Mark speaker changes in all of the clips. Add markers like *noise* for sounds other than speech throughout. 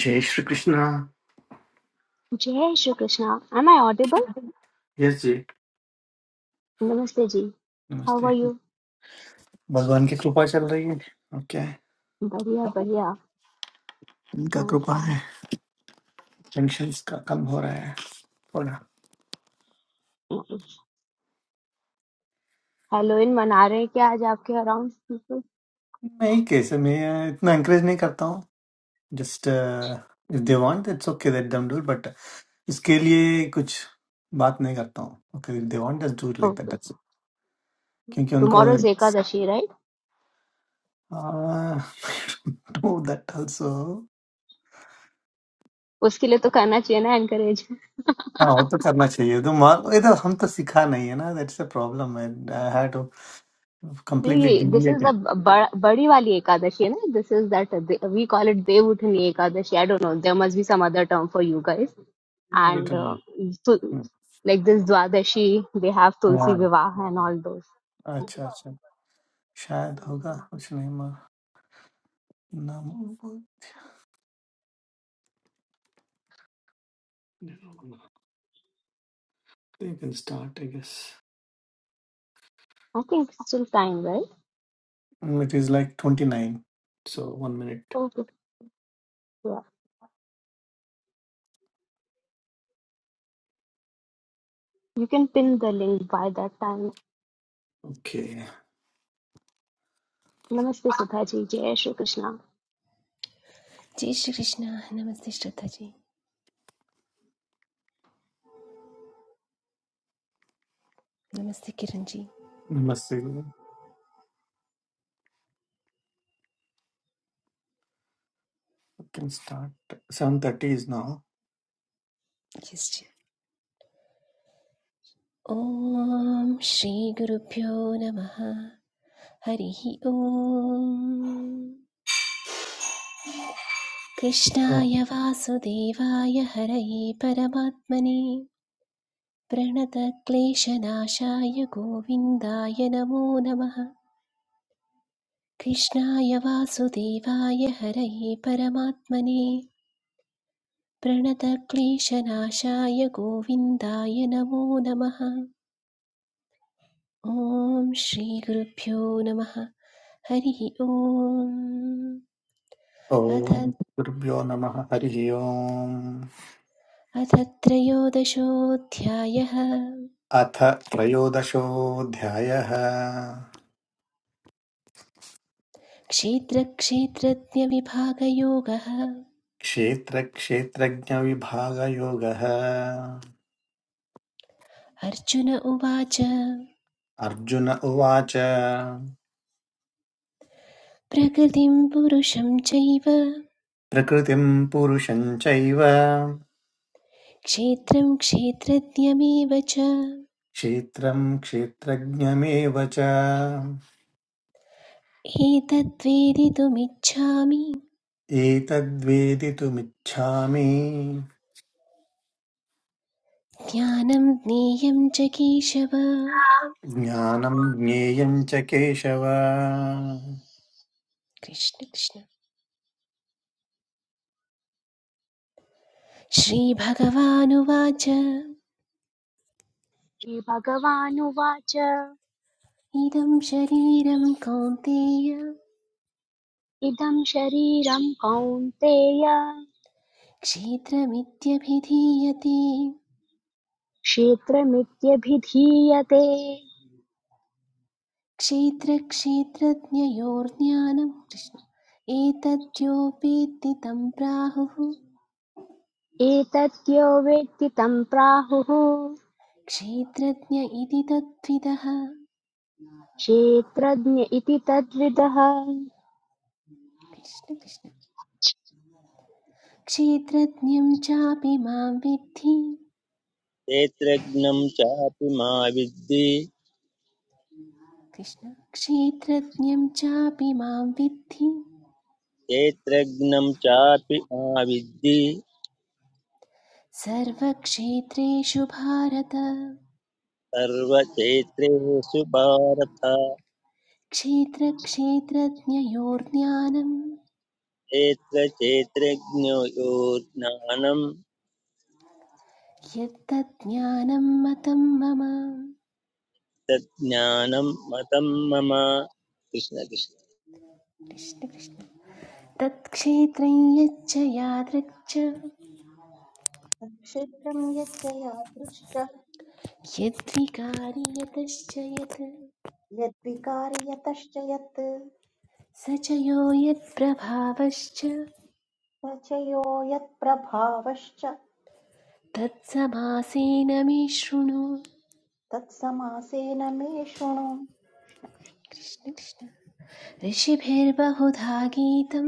Speaker 1: जय श्री कृष्णा
Speaker 2: जय Shri Krishna am I audible
Speaker 1: yes ji
Speaker 2: नमस्ते जी हाउ
Speaker 1: नमस्ते
Speaker 2: आर यू
Speaker 1: भगवान की कृपा चल रही है ओके
Speaker 2: बढ़िया बढ़िया
Speaker 1: इनका कृपा है जंक्शन का कम हो रहा है थोड़ा
Speaker 2: हेलोइन मना रहे हैं क्या आज आपके अराउंड पीपल?
Speaker 1: नहीं कैसे मैं uh, इतना एंकरेज नहीं करता हूँ just if they want it's okay that them do but इसके लिए कुछ बात नहीं करता हूँ okay if they want just do like that
Speaker 2: okay
Speaker 1: that's क्योंकि उनको
Speaker 2: tomorrow is Ekadashi right
Speaker 1: do that also *laughs*
Speaker 2: उसके लिए तो करना चाहिए ना एनकरेज
Speaker 1: हाँ वो तो करना चाहिए तो मान ये तो हम तो सीखा नहीं है ना दैट्स अ प्रॉब्लम है आई हैड टू completely
Speaker 2: नहीं दिस इज
Speaker 1: deviate
Speaker 2: द बड़ी वाली एकादशी है ना this is that we call it Dev Uthani Ekadashi I don't know there must be some other term for you guys
Speaker 1: वही
Speaker 2: एंड
Speaker 1: तो hmm,
Speaker 2: like this Dwadashi, they have Tulsi
Speaker 1: हाँ,
Speaker 2: Vivaha and all those.
Speaker 1: अच्छा अच्छा शायद होगा कुछ नहीं मालूम। नाम they can start I guess
Speaker 2: I think it's still time, right?
Speaker 1: It is like 29 so 1 minute
Speaker 2: Okay. Yeah. You can pin the link by that time.
Speaker 1: Okay
Speaker 2: नमस्ते सुधाजी जय श्री कृष्ण
Speaker 3: जय श्री कृष्णा नमस्ते श्रद्धा जी नमस्ते किरण जी
Speaker 1: नमस्ते can start 7:30 is now
Speaker 3: yes ji ओम श्री गुरुभ्यो नमः हरिः ओम कृष्णाय
Speaker 1: ॐ
Speaker 3: वासुदेवाय हरये परमात्मने प्रणतक्लेशनाशाय गोविन्दाय नमो नमः कृष्णाय वासुदेवाय हरये परमात्मने प्रणतक्लेशनाशाय गोविन्दाय नमो नमः ॐ श्रीगुरुभ्यो नमः हरिः ॐ अथ
Speaker 1: गुरुभ्यो नमः हरिः ओम्
Speaker 3: अथ त्रयोदशोऽध्यायः
Speaker 1: अथ त्रयोदशोऽध्यायः
Speaker 3: क्षेत्रक्षेत्रज्ञविभागयोगः
Speaker 1: क्षेत्रक्षेत्रज्ञविभागयोगः
Speaker 3: अर्जुन उवाच
Speaker 1: अर्जुन उवाच
Speaker 3: प्रकृतिं पुरुषं चैव
Speaker 1: प्रकृतिं पुरुषं चैव
Speaker 3: क्षेत्रं क्षेत्रज्ञमेव च
Speaker 1: क्षेत्रं क्षेत्रज्ञमेव च
Speaker 3: एतद्वेदितुमिच्छामि
Speaker 1: एतद्वेदितुमिच्छामि
Speaker 3: ज्ञानं ज्ञेयं च केशव
Speaker 1: ज्ञानं ज्ञेयं च केशव
Speaker 3: कृष्ण कृष्ण श्रीभगवानुवाच
Speaker 2: श्री भगवानुवाच
Speaker 3: इदं शरीरं कौन्तेय
Speaker 2: इदं शरीरं कौन्तेय
Speaker 3: क्षेत्रमित्यभिधीयते
Speaker 2: क्षेत्रमित्यभिधीयते
Speaker 3: क्षेत्रक्षेत्रज्ञयोर्ज्ञानं कृष्ण एतद्योपेत्ति तं प्राहुः
Speaker 2: एतद्यो वेत्ति तं प्राहुः
Speaker 3: क्षेत्रज्ञ इति तद्विदः
Speaker 2: क्षेत्रज्ञ इति तद्विदः
Speaker 3: कृष्ण कृष्ण क्षेत्रज्ञं चापि मां विद्धि
Speaker 4: क्षेत्रज्ञं चापि मा विद्धि
Speaker 3: कृष्ण क्षेत्रज्ञं चापि मां विद्धि
Speaker 4: क्षेत्रज्ञं चापि मा विद्धि
Speaker 3: सर्वक्षेत्रेषु भारत
Speaker 4: सर्वक्षेत्रेषु भारत
Speaker 3: क्षेत्रक्षेत्रज्ञयोर्ज्ञानं
Speaker 4: क्षेत्रक्षेत्रज्ञो यो ज्ञानं
Speaker 3: यत्तज्ज्ञानं मतं मम
Speaker 4: तज्ज्ञानं मतं मम कृष्ण कृष्ण
Speaker 3: कृष्णकृष्ण तत्क्षेत्रं यच्च यादृक् च
Speaker 5: क्षेत्रं यच्च यादृश्च
Speaker 3: यद्विकारि यतश्च यत्
Speaker 5: यद्विकारि यतश्च यत्
Speaker 3: स च यो यत्प्रभावश्च
Speaker 5: प्रचयो यत्प्रभावश्च
Speaker 3: तत्समासेन मे शृणु
Speaker 5: तत्समासेन मे शृणु
Speaker 3: कृष्णकृष्ण ऋषिभिर्बहुधा गीतं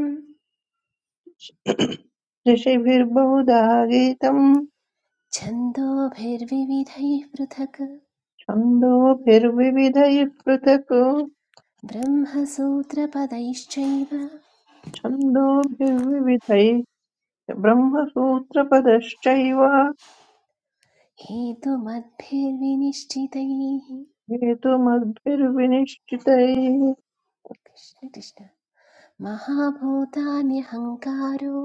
Speaker 6: ऋषिभिर्बहुधा गीतं
Speaker 3: छन्दोभिर्विविधैः पृथक्
Speaker 6: छन्दोभिर्विविधैः पृथक्
Speaker 3: ब्रह्मसूत्रपदैश्चैव
Speaker 6: छन्दोभिर्विविधैश्च ब्रह्मसूत्रपदश्चैव
Speaker 3: हेतुमद्भिर्विनिश्चितैः
Speaker 6: हेतुमद्भिर्विनिश्चितैः
Speaker 3: कृष्ण कृष्ण महाभूतान्यहङ्कारो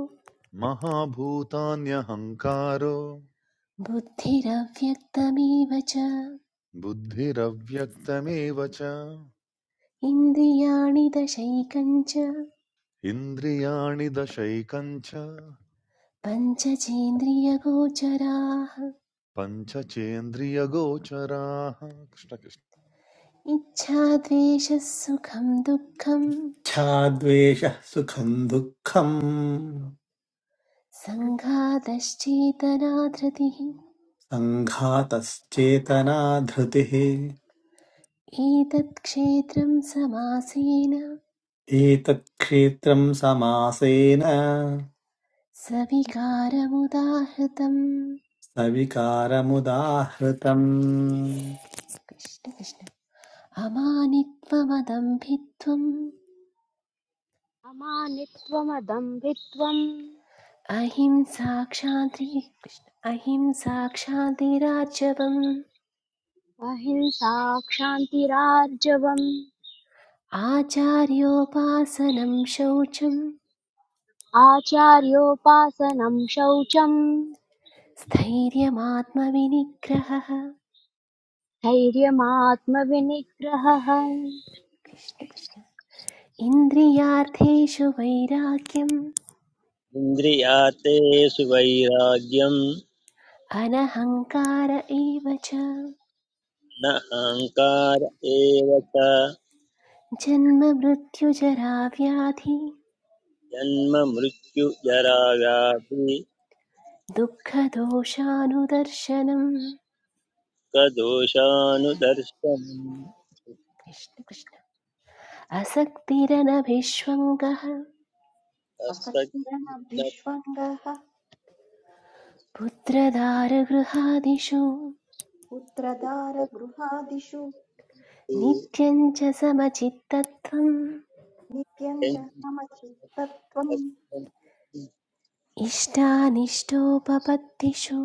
Speaker 7: महाभूतान्यहङ्कारो
Speaker 3: बुद्धिरव्यक्तमेव च
Speaker 7: बुद्धिरव्यक्तमेव च
Speaker 3: इन्द्रियाणि दशैकञ्च
Speaker 7: इन्द्रियाणि दशैकञ्च
Speaker 3: पञ्चचेन्द्रियगोचराः
Speaker 7: पञ्चचेन्द्रियगोचराः कृष्णकृष्ण
Speaker 3: इच्छा द्वेषः सुखं दुःखं
Speaker 1: च्छाद्वेषः सुखं दुःखं
Speaker 3: सङ्घातश्चेतना धृतिः
Speaker 1: सङ्घातश्चेतना धृतिः
Speaker 3: एतत्क्षेत्रं समासेन
Speaker 1: एतत् क्षेत्रं समासेन
Speaker 3: सविकारमुदाहृतम्
Speaker 1: सविकारमुदाहृतम्
Speaker 3: कृष्ण कृष्ण अमानित्वमदम्भित्वम्
Speaker 2: अमानित्वमदम्भित्वम्
Speaker 3: अहिंसाक्षान्ति कृष्ण- अहिंसाक्षान्तिरार्जवम्
Speaker 2: अहिंसा क्षान्तिरार्जवम्
Speaker 3: आचार्योपासनं शौचं
Speaker 2: आचार्योपासनं शौचम्
Speaker 3: स्थैर्यमात्मविनिग्रहः
Speaker 2: धैर्यमात्मविनिग्रहः
Speaker 3: कृष्ण कृष्ण इन्द्रियार्थेषु वैराग्यम्
Speaker 4: इन्द्रियातेषु वैराग्यं
Speaker 3: अनहङ्कार एव च
Speaker 4: न अहङ्कार एव च
Speaker 3: जन्ममृत्युजराव्याधि
Speaker 4: जन्म मृत्यु जरा व्याधि
Speaker 3: दुःखदोषानुदर्शनम्
Speaker 4: कदोषानुदर्शनम्
Speaker 3: कृष्ण कृष्ण असक्तिरनभिष्वङ्गः
Speaker 5: असक्तिरनभिष्वङ्गः
Speaker 3: पुत्रदारगृहादिषु
Speaker 5: पुत्रदारगृहादिषु
Speaker 3: नित्यं च समचित्तत्वम्
Speaker 5: नित्यं च समचित्तत्वम्
Speaker 4: द्वेन्द्रियगुणाभाषं
Speaker 3: इष्टानिष्टोपपत्तिषु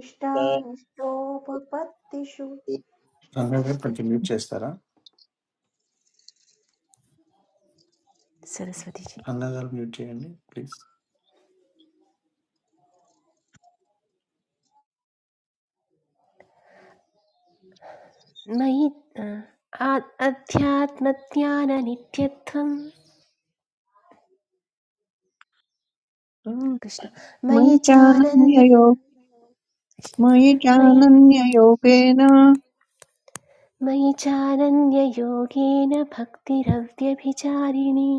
Speaker 5: इष्टानिष्टोपपत्तिषु कृष्ण
Speaker 1: రంగారు
Speaker 5: कृष्ण
Speaker 1: కొంచెం మ్యూట్ చేస్తారా
Speaker 3: सरस्वती जी
Speaker 1: అన్న గారు మ్యూట్ చేయండి ప్లీజ్
Speaker 3: मयि आ- अध्यात्मज्ञाननित्यत्वं
Speaker 6: हम्म।
Speaker 3: कृष्ण मयि
Speaker 6: मयि
Speaker 3: चानन्य
Speaker 6: चानन्ययो मयि
Speaker 3: मयि
Speaker 6: चानन्ययोगेन
Speaker 3: मयि चानन्ययोगेन भक्तिरव्यभिचारिणी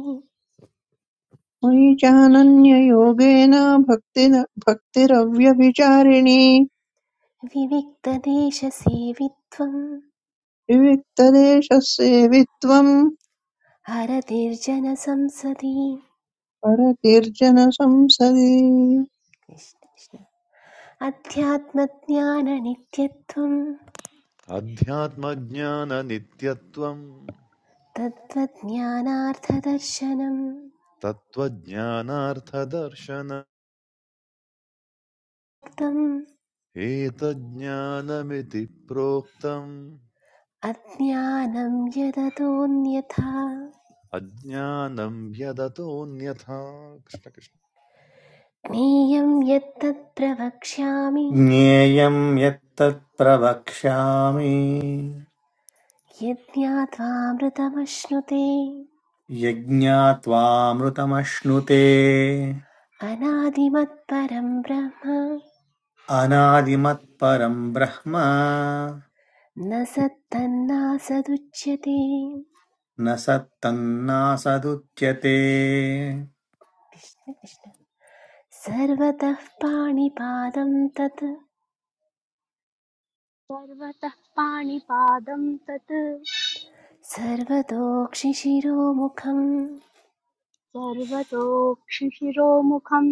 Speaker 6: मयि चानन्ययोगेन भक्ति भक्तिरव्यभिचारिणी
Speaker 3: विविक्तदेशसेवित्वम्
Speaker 6: विविक्तदेशसेवित्वम्
Speaker 3: हरतिर्जनसंसदि
Speaker 6: परकीर्जन संसदि
Speaker 3: कृष्ण कृष्ण। अध्यात्मज्ञाननित्यत्वं
Speaker 7: अध्यात्मज्ञाननित्यत्वम्
Speaker 3: तत्त्वज्ञानार्थदर्शनं
Speaker 7: तत्त्वज्ञानार्थदर्शन
Speaker 3: तम्
Speaker 7: एतज्ज्ञानमिति प्रोक्तम्
Speaker 3: अज्ञानं यदतोऽन्यथा
Speaker 7: अज्ञानम् व्यदतोऽन्यथा कृष्णकृष्ण
Speaker 3: ज्ञेयं यत्तत् प्रवक्ष्यामि
Speaker 1: ज्ञेयं यत्तत् प्रवक्ष्यामि
Speaker 3: यज्ञात्वामृतमश्नुते
Speaker 1: यज्ञात्वामृतमश्नुते
Speaker 3: अनादिमत्परं ब्रह्म
Speaker 1: अनादिमत्परं ब्रह्म
Speaker 3: न सत्तन्नासदुच्यते
Speaker 1: न सत्तन्नासदुच्यते
Speaker 3: सर्वतः पाणिपादं तत्
Speaker 2: सर्वतः पाणिपादं तत्
Speaker 3: सर्वतोक्षिशिरोमुखं
Speaker 2: सर्वतोक्षिशिरोमुखम्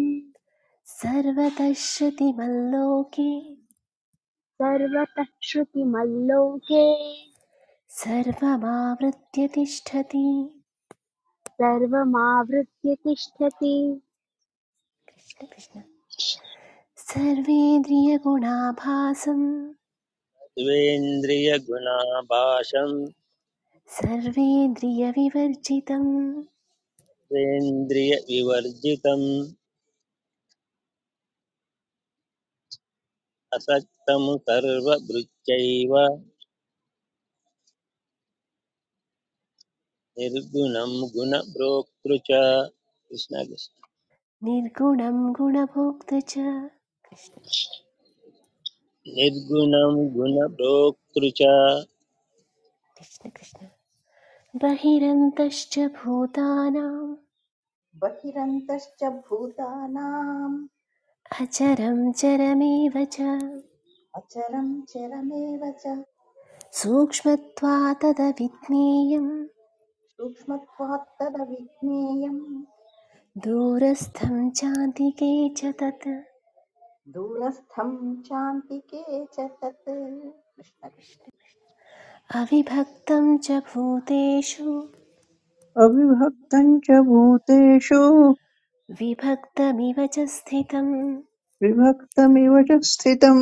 Speaker 3: सर्वतश्रुतिमल्लोके
Speaker 2: सर्वतः श्रुतिमल्लोके
Speaker 3: सर्वमावृत्य तिष्ठति
Speaker 2: सर्वमावृत्य तिष्ठति
Speaker 3: कृष्ण कृष्ण सर्वेन्द्रियगुणाभासं सर्वेन्द्रियविवर्जितं
Speaker 4: द्वेन्द्रियविवर्जितम् असक्तं सर्वभृत्यैव निर्गुणं गुणभोक्तृ च कृष्णकृष्ण
Speaker 3: निर्गुणं गुणभोक्त च कृष्ण
Speaker 4: निर्गुणं
Speaker 3: कृष्ण
Speaker 4: गुणभोक्तृ च
Speaker 3: कृष्ण कृष्ण बहिरन्तश्च भूतानाम्
Speaker 5: बहिरन्तश्च भूतानाम्
Speaker 3: अचरं चरमेव च
Speaker 5: अचरं चरमेव च
Speaker 3: सूक्ष्मत्वा तदविज्ञेयम्
Speaker 5: सूक्ष्मत्वात् तदविज्ञेयम्
Speaker 3: दूरस्थं चान्तिके च तत्
Speaker 5: दूरस्थं चान्तिके च तत् कृष्णकृष्ण
Speaker 3: अविभक्तं च भूतेषु
Speaker 6: अविभक्तं च भूतेषु
Speaker 3: विभक्तमिव च स्थितं
Speaker 6: विभक्तमिव च स्थितं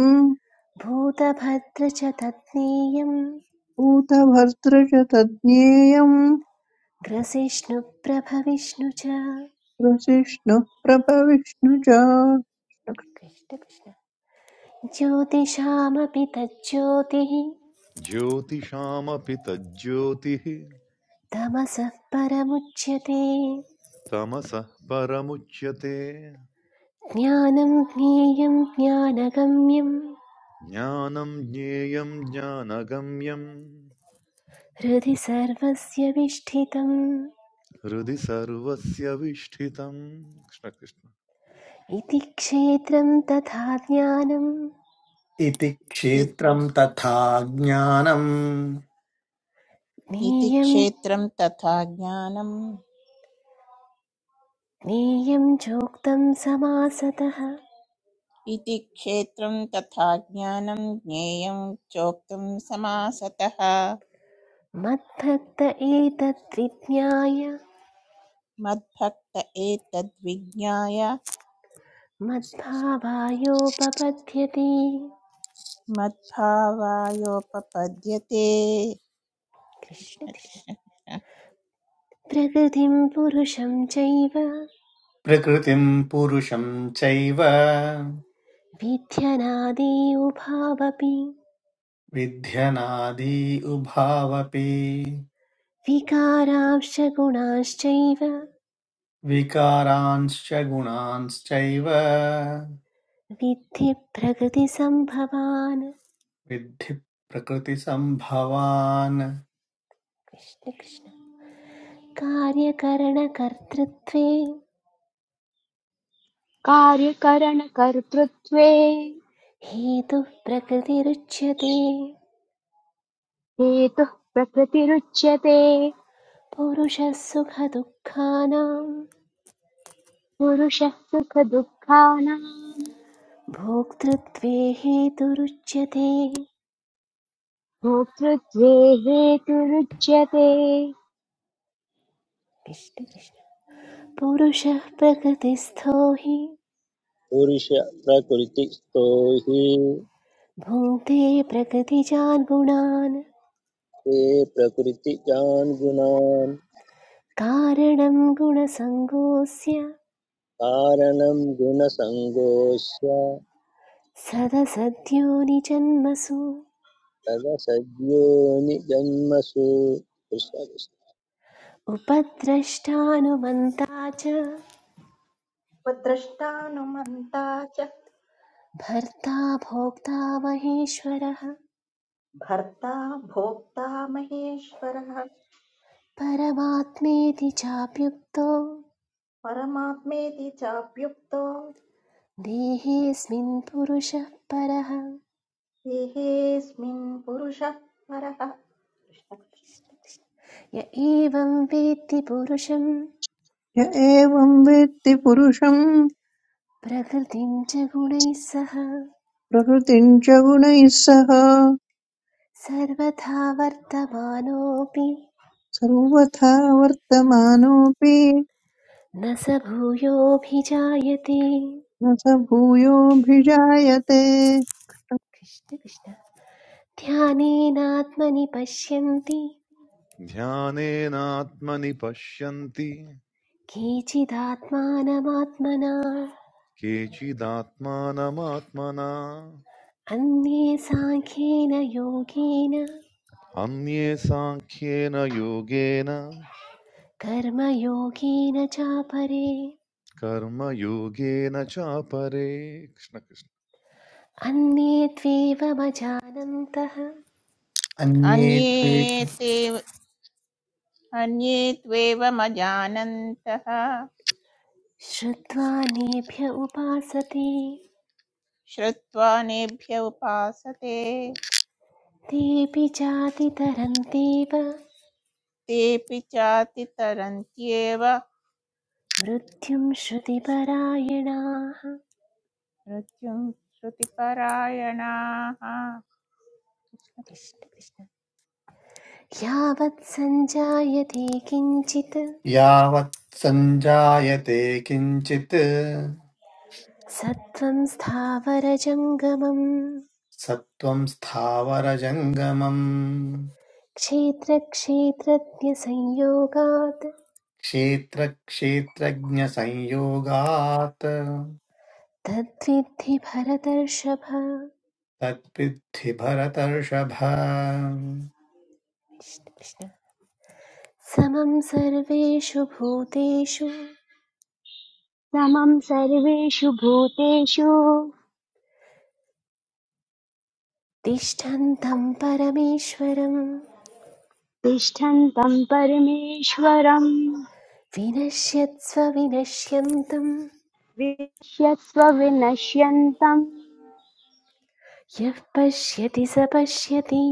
Speaker 3: भूतभद्र च तत्नेयं
Speaker 6: भूतभर्तृ च तज्ज्ञेयं
Speaker 3: ग्रसिष्णुप्रभविष्णु च
Speaker 6: प्रसिष्णुः प्रभविष्णु च
Speaker 3: ज्योतिषामपि तज्ज्योतिः
Speaker 7: ज्योतिषामपि तज्ज्योतिः
Speaker 3: तमसः परमुच्यते
Speaker 7: तमसः परमुच्यते
Speaker 3: ज्ञानं ज्ञेयं ज्ञानगम्यं
Speaker 7: ज्ञानं ज्ञेयं ज्ञानगम्यं
Speaker 3: हृदि सर्वस्य विष्ठितम्
Speaker 7: हृदि सर्वस्य विष्ठितम् कृष्ण कृष्ण
Speaker 3: इति क्षेत्रं तथा ज्ञानं
Speaker 1: इति
Speaker 8: इति
Speaker 1: क्षेत्रं तथा ज्ञानम्
Speaker 8: इति
Speaker 3: ज्ञेयं
Speaker 8: क्षेत्रं तथा ज्ञानम्
Speaker 3: ज्ञेयं चोक्तं समासतः
Speaker 8: इति क्षेत्रं तथा ज्ञानं ज्ञेयं चोक्तं समासतः
Speaker 3: मद्भक्त एतद्विज्ञाय
Speaker 8: मद्भक्त एतद्विज्ञाय
Speaker 3: मद्भावायोपपद्यते
Speaker 8: मद्भावायोपपद्यते
Speaker 3: कृष्ण
Speaker 8: कृष्ण
Speaker 3: कृष्ण
Speaker 8: कृष्ण कृष्ण।
Speaker 3: प्रकृतिं पुरुषं चैव
Speaker 1: प्रकृतिं पुरुषं चैव
Speaker 3: विध्यनादि उभावपि
Speaker 1: विध्यनादि उभावपि
Speaker 3: विकारांश्च गुणांश्चैव
Speaker 1: विकारांश्च गुणांश्चैव
Speaker 3: विद्धि प्रकृतिसम्भवान्
Speaker 1: विद्धि प्रकृतिसम्भवान्
Speaker 3: कृष्ण कृष्ण कार्यकरणकर्तृत्वे
Speaker 2: कार्यकरणकर्तृत्वे
Speaker 3: हेतुः प्रकृतिरुच्यते
Speaker 2: हेतुः प्रकृतिरुच्यते
Speaker 3: पुरुषः सुखदुःखानां
Speaker 2: पुरुषः सुखदुःखानां
Speaker 3: भोक्तृत्वे हेतुरुच्यते
Speaker 2: भोक्तृत्वे हेतुरुच्यते
Speaker 3: कृष्ण कृष्ण। पुरुषः प्रकृतिस्थो हि
Speaker 4: stohi हि
Speaker 3: भुङ्क्ते प्रकृतिजान् गुणान्
Speaker 4: ते प्रकृतिजान् gunan
Speaker 3: कारणं गुणसङ्गोऽस्य
Speaker 4: कारणं गुणसङ्गोऽस्य
Speaker 3: सदसद्योनिजन्मसु
Speaker 4: तदसद्योनिजन्मसु कृष्णकृष्णमं
Speaker 3: उपद्रष्टानुमन्ता च
Speaker 5: उपद्रष्टानुमन्ता च
Speaker 3: भर्ता भोक्ता महेश्वरः
Speaker 5: भर्ता भोक्ता महेश्वरः
Speaker 3: परमात्मेति चाप्युक्तो
Speaker 5: परमात्मेति चाप्युक्तो
Speaker 3: देहेऽस्मिन् पुरुषः परः
Speaker 5: देहेऽस्मिन् पुरुषः परः कृष्णकृष्ण
Speaker 3: य एवं वेत्ति पुरुषं
Speaker 6: य एवं वेत्ति पुरुषं
Speaker 3: प्रकृतिं च गुणैः सह
Speaker 6: प्रकृतिं च गुणैः सह
Speaker 3: सर्वथा वर्तमानोऽपि
Speaker 6: सर्वथा वर्तमानोऽपि
Speaker 3: न स भूयोऽभिजायते
Speaker 6: न स भूयोऽभिजायते
Speaker 3: कृष्ण कृष्ण ध्यानेनात्मनि पश्यन्ति
Speaker 7: ध्यानेनात्मनि पश्यन्ति
Speaker 3: केचिदात्मानमात्मना
Speaker 7: केचिदात्मानमात्मना
Speaker 3: अन्ये साङ्ख्येन योगेन
Speaker 7: अन्ये साङ्ख्येन योगेन
Speaker 3: कर्मयोगेन चापरे
Speaker 7: कर्मयोगेन चापरे कृष्ण कृष्ण
Speaker 3: अन्ये त्वेवमजानन्तः
Speaker 1: अन्ये त्वे
Speaker 8: अन्ये ते अन्ये त्वेवमजानन्तः
Speaker 3: श्रुत्वा नेभ्य उपासते
Speaker 8: श्रुत्वा नेभ्य उपासते
Speaker 3: तेऽपि जातितरन्तेव
Speaker 8: तेऽपि चातितरन्त्येव
Speaker 3: मृत्युं श्रुतिपरायणाः
Speaker 8: मृत्युं श्रुतिपरायणाः कृष्ण
Speaker 3: कृष्ण
Speaker 8: कृष्ण
Speaker 3: कृष्ण। यावत् सञ्जायते किञ्चित्
Speaker 1: यावत् सञ्जायते किञ्चित्
Speaker 3: सत्त्वं स्थावरजङ्गमम्
Speaker 1: सत्त्वं स्थावरजङ्गमम्
Speaker 3: क्षेत्रक्षेत्रज्ञसंयोगात्
Speaker 1: क्षेत्रक्षेत्रज्ञसंयोगात्
Speaker 3: तद्विद्धि भरतर्षभ कृष्ण
Speaker 1: तद्विद्धि भरतर्षभ
Speaker 3: कृष्ण समं सर्वेषु भूतेषु
Speaker 2: समं सर्वेषु भूतेषु
Speaker 3: तिष्ठन्तं परमेश्वरं
Speaker 2: तिष्ठन्तं परमेश्वरं
Speaker 3: विनश्यत्स्व विनश्यन्तं
Speaker 2: पश्यस्व विनश्यन्तं
Speaker 3: यः पश्यति स पश्यति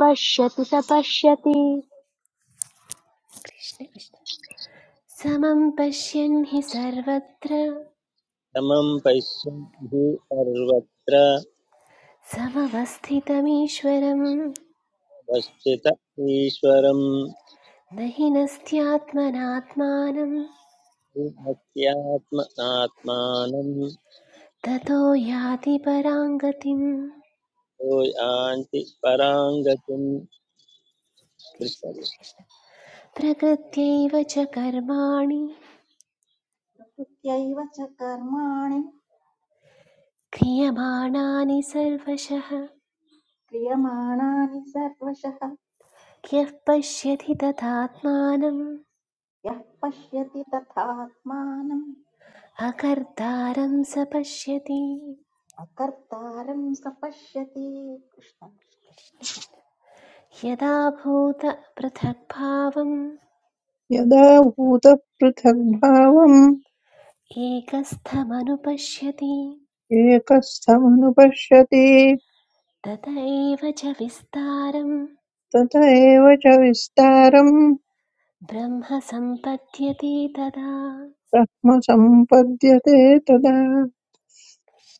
Speaker 2: पश्यति स पश्यति
Speaker 3: कृष्ण कृष्ण समं पश्यन् हि सर्वत्र
Speaker 4: पश्यन्ति सर्वत्र
Speaker 3: समवस्थितमीश्वरं
Speaker 4: वस्थित ईश्वरं
Speaker 3: न हि नस्त्यात्मनात्मानं
Speaker 4: भक्त्यात्मनात्मानं
Speaker 3: ततो याति पराङ्गतिम्
Speaker 4: यो यान्ति पराङ्गतिं
Speaker 3: कृष्ण कृष्ण। प्रकृत्यैव च कर्माणि
Speaker 5: कृत्यैव च कर्माणि
Speaker 3: क्रियमाणानि सर्वशः
Speaker 5: क्रियमाणानि सर्वशः
Speaker 3: यः पश्यति तथात्मानम्
Speaker 5: यः पश्यति तथात्मानम्
Speaker 3: अकर्तारं स पश्यति
Speaker 5: अकर्तारं स पश्यति कृष्ण
Speaker 3: यदा भूतपृथग्भावम्
Speaker 6: यदा भूतपृथग्भावम्
Speaker 3: एकस्थमनुपश्यति
Speaker 6: एकस्थमनुपश्यति
Speaker 3: तत एव च विस्तारं
Speaker 6: तत एव च विस्तारं
Speaker 3: ब्रह्म सम्पद्यते तदा
Speaker 6: ब्रह्म सम्पद्यते तदा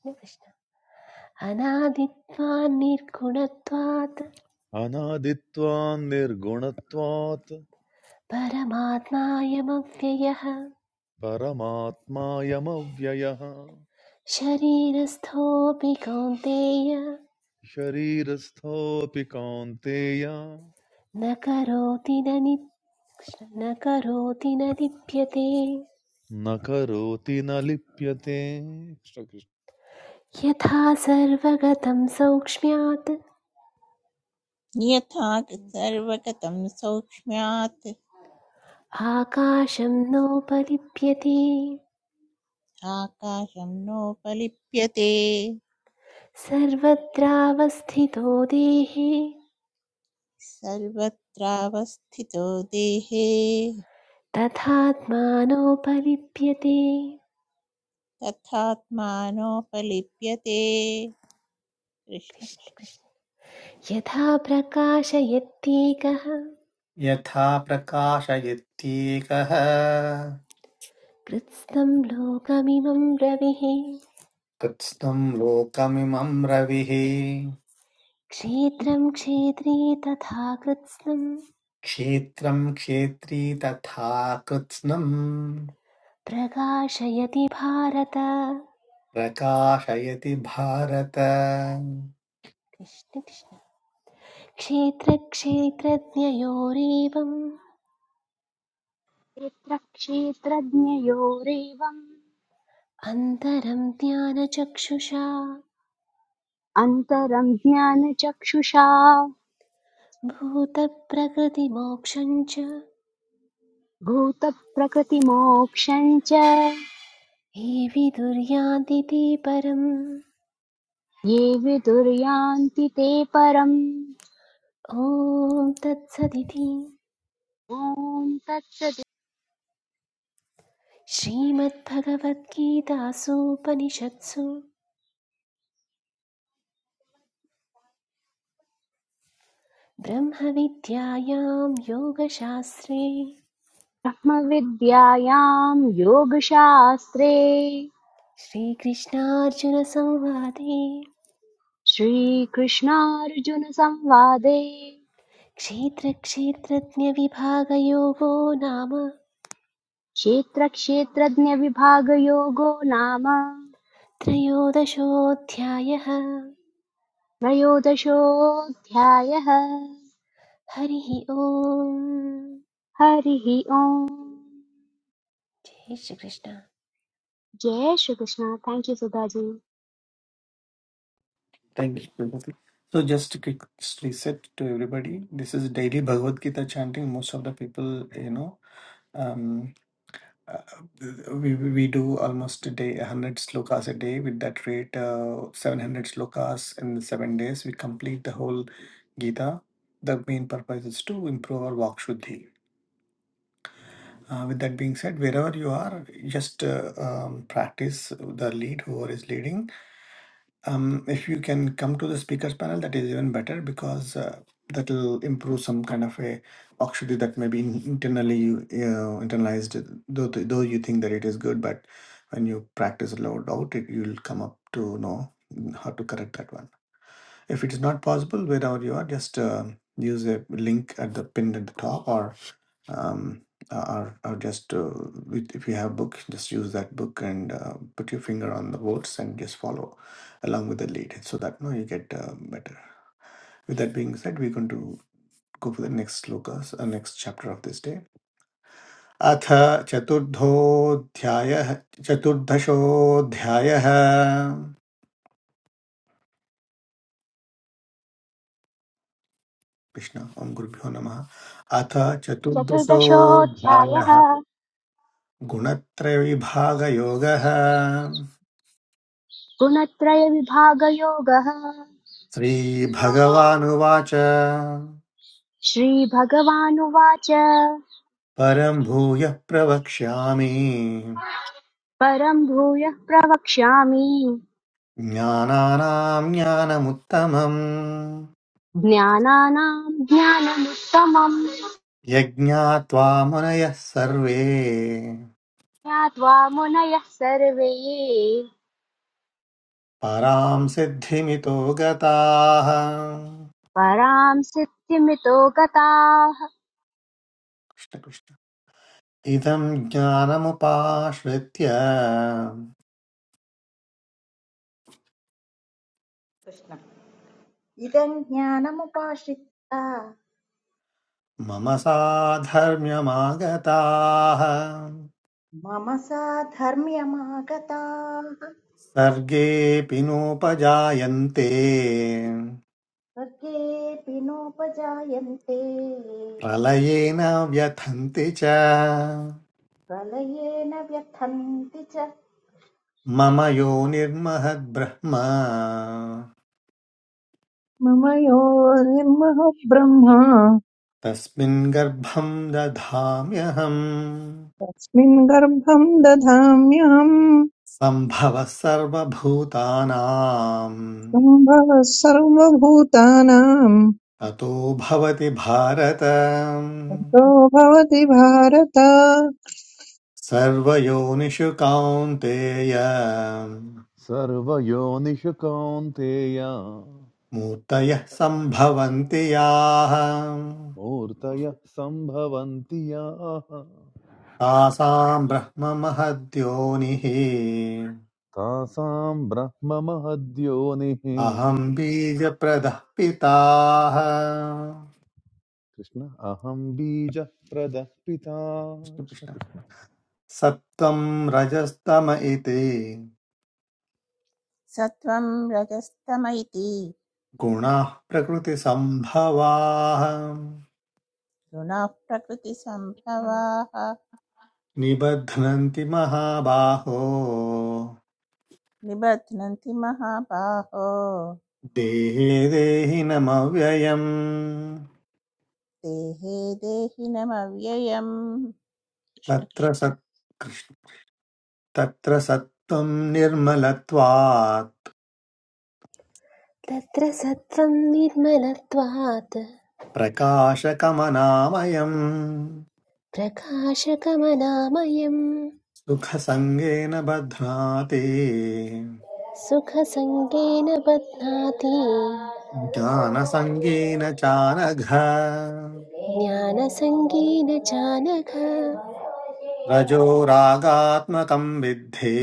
Speaker 3: कृष्ण कृष्ण अनादित्वान्निर्गुणत्वात्
Speaker 7: अनादित्वान् निर्गुणत्वात्
Speaker 3: परमात्मायमव्ययः
Speaker 7: परमात्मायमव्ययः
Speaker 3: शरीरस्थोऽपि कौन्तेय
Speaker 7: शरीरस्थोऽपि कौन्तेय
Speaker 3: न करोति न नि न करोति न लिप्यते
Speaker 7: न करोति न लिप्यते
Speaker 3: यथा सर्वगतं सौक्ष्म्यात्
Speaker 8: यथा सर्वगतं सौक्ष्म्यात्
Speaker 3: आकाशं नोपलिप्यते
Speaker 8: आकाशं नोपलिप्यते
Speaker 3: सर्वत्रावस्थितो देहे
Speaker 8: सर्वत्रावस्थितो देहे
Speaker 3: तथात्मानोपलिप्यते
Speaker 8: तथात्मानोपलिप्यते कृष्ण
Speaker 3: कृष्ण
Speaker 8: कृष्ण
Speaker 3: कृष्ण। यथा प्रकाशयत्येकः
Speaker 1: यथा प्रकाशयत्येकः
Speaker 3: कृत्स्नं लोकमिमं रविः
Speaker 1: कृत्स्नं लोकमिमं रविः
Speaker 3: क्षेत्रं क्षेत्री तथा कृत्स्नं
Speaker 1: क्षेत्रं क्षेत्री तथा कृत्स्नं
Speaker 3: प्रकाशयति भारत
Speaker 1: प्रकाशयति भारत
Speaker 3: कृष्ण कृष्ण क्षेत्रक्षेत्रज्ञयोरेवम्
Speaker 2: क्षेत्रक्षेत्रज्ञयोरेवम्
Speaker 3: अन्तरं ज्ञानचक्षुषा
Speaker 2: अन्तरं ज्ञानचक्षुषा
Speaker 3: भूतप्रकृतिमोक्षं च ये
Speaker 2: भूतप्रकृतिमोक्षं च
Speaker 3: विदुर्यान्ति ते परम्
Speaker 2: ये विदुर्यान्ति ते परम्
Speaker 3: ॐ तत्सदिति
Speaker 2: ॐ तत्सत्
Speaker 3: श्रीमद्भगवद्गीतासूपनिषत्सु ब्रह्मविद्यायां योगशास्त्रे
Speaker 2: ब्रह्मविद्यायां योगशास्त्रे
Speaker 3: श्रीकृष्णार्जुनसंवादे
Speaker 2: श्रीकृष्णार्जुनसंवादे
Speaker 3: क्षेत्रक्षेत्रज्ञविभागयोगो नाम
Speaker 2: क्षेत्रक्षेत्रज्ञविभागयोगो नाम
Speaker 3: त्रयोदशोऽध्यायः
Speaker 2: त्रयोदशोऽध्यायः
Speaker 3: हरिः ओम्
Speaker 2: हरिः ओम्
Speaker 3: जय श्रीकृष्ण
Speaker 2: जय Shri Krishna thank you Sudhaji
Speaker 1: Thank you. Prabhupada. So just a quick reset to everybody. This is daily Bhagavad Gita chanting. Most of the people, you know, um, Uh, we we do almost a day 100 slokas a day with that rate uh, 700 slokas in seven days we complete the whole gita the main purpose is to improve our vak shuddhi uh, with that being said wherever you are just uh, um, practice the lead whoever is leading um, if you can come to the speakers panel, that is even better because uh, that will improve some kind of a auxiliary that maybe in- internally you you internalized. Though though you think that it is good, but when you practice loud out, it you'll come up to know how to correct that one. If it is not possible, wherever you are, just uh, use a link at the pin at the top, or. um, or, or just uh, with, if you have book just use that book and uh, put your finger on the words and just follow along with the lead so that now you get uh, better with that being said we're going to go for the next slokas uh, next chapter of this day अथ चतुर्थोऽध्यायः चतुर्दशोऽध्यायः कृष्ण ॐ गुरुभ्यो नमः अथ
Speaker 2: चतुर्दशोऽध्यायः
Speaker 1: चतुर्दशोऽध्यायः गुणत्रयविभागयोगः
Speaker 2: गुणत्रयविभागयोगः
Speaker 1: श्रीभगवानुवाच
Speaker 2: श्रीभगवानुवाच
Speaker 1: परं भूयः प्रवक्ष्यामि
Speaker 2: परं भूयः प्रवक्ष्यामि
Speaker 1: ज्ञानानां ज्ञानमुत्तमम्
Speaker 2: ज्ञानानां ज्ञानमुत्तमम्
Speaker 1: यज्ञात्वा मुनयः सर्वे
Speaker 2: ज्ञात्वा मुनयः सर्वे
Speaker 1: परां सिद्धिमितो गताः
Speaker 2: परां सिद्धिमितो गताः
Speaker 1: कृष्णकृष्ण इदं ज्ञानमुपाश्रित्य
Speaker 5: कृष्ण इदम् ज्ञानमुपाश्रिता
Speaker 1: मम साधर्म्यमागताः
Speaker 5: मम साधर्म्यमागताः
Speaker 1: सर्गेऽपि नोपजायन्ते
Speaker 5: स्वर्गेऽपि नोपजायन्ते
Speaker 1: प्रलयेन व्यथन्ति च
Speaker 5: प्रलयेन व्यथन्ति च
Speaker 1: मम यो निर्महद्ब्रह्म
Speaker 6: मम यो निर्मः ब्रह्म
Speaker 1: तस्मिन् गर्भं दधाम्यहम्
Speaker 6: तस्मिन् गर्भं दधाम्यहम्
Speaker 1: सम्भवः सर्वभूतानां
Speaker 6: सम्भवः सर्वभूतानां
Speaker 1: ततो भवति भारत
Speaker 6: तो भवति भारत
Speaker 1: सर्वयोनिषु कौन्तेय
Speaker 7: सर्वयोनिषु कौन्तेय
Speaker 1: मूर्तयः सम्भवन्ति याः
Speaker 7: मूर्तयः सम्भवन्ति याः
Speaker 1: तासां ब्रह्ममहद्योनिः
Speaker 7: तासां ब्रह्म महद्योनिः
Speaker 1: अहं बीजप्रदः पिताः
Speaker 7: कृष्ण अहं बीजः प्रदः पिता कृष्ण
Speaker 1: कृष्णकृष्ण
Speaker 7: कृष्ण।
Speaker 1: सत्त्वं रजस्तम इति
Speaker 8: सत्वं रजस्तम इति
Speaker 1: गुणाः प्रकृतिसम्भवाः
Speaker 8: गुणाः प्रकृतिसम्भवाः
Speaker 1: निबध्नन्ति महाबाहो
Speaker 8: निबध्नन्ति महाबाहो
Speaker 1: देहे देहिनमव्ययम्
Speaker 8: देहे देहिनमव्ययम् कृष्ण कृष्ण।
Speaker 1: तत्र सत् तत्र सत्त्वं निर्मलत्वात्
Speaker 3: तत्र सत्त्वं निर्मलत्वात्
Speaker 1: प्रकाशकमनामयम्
Speaker 3: प्रकाशकमनामयम्
Speaker 1: सुखसङ्गेन बध्नाति
Speaker 3: सुखसङ्गेन बध्नाति
Speaker 1: ज्ञानसङ्गेन चानघ
Speaker 3: ज्ञानसङ्गेन चानघ
Speaker 1: रजोरागात्मकम् विद्धे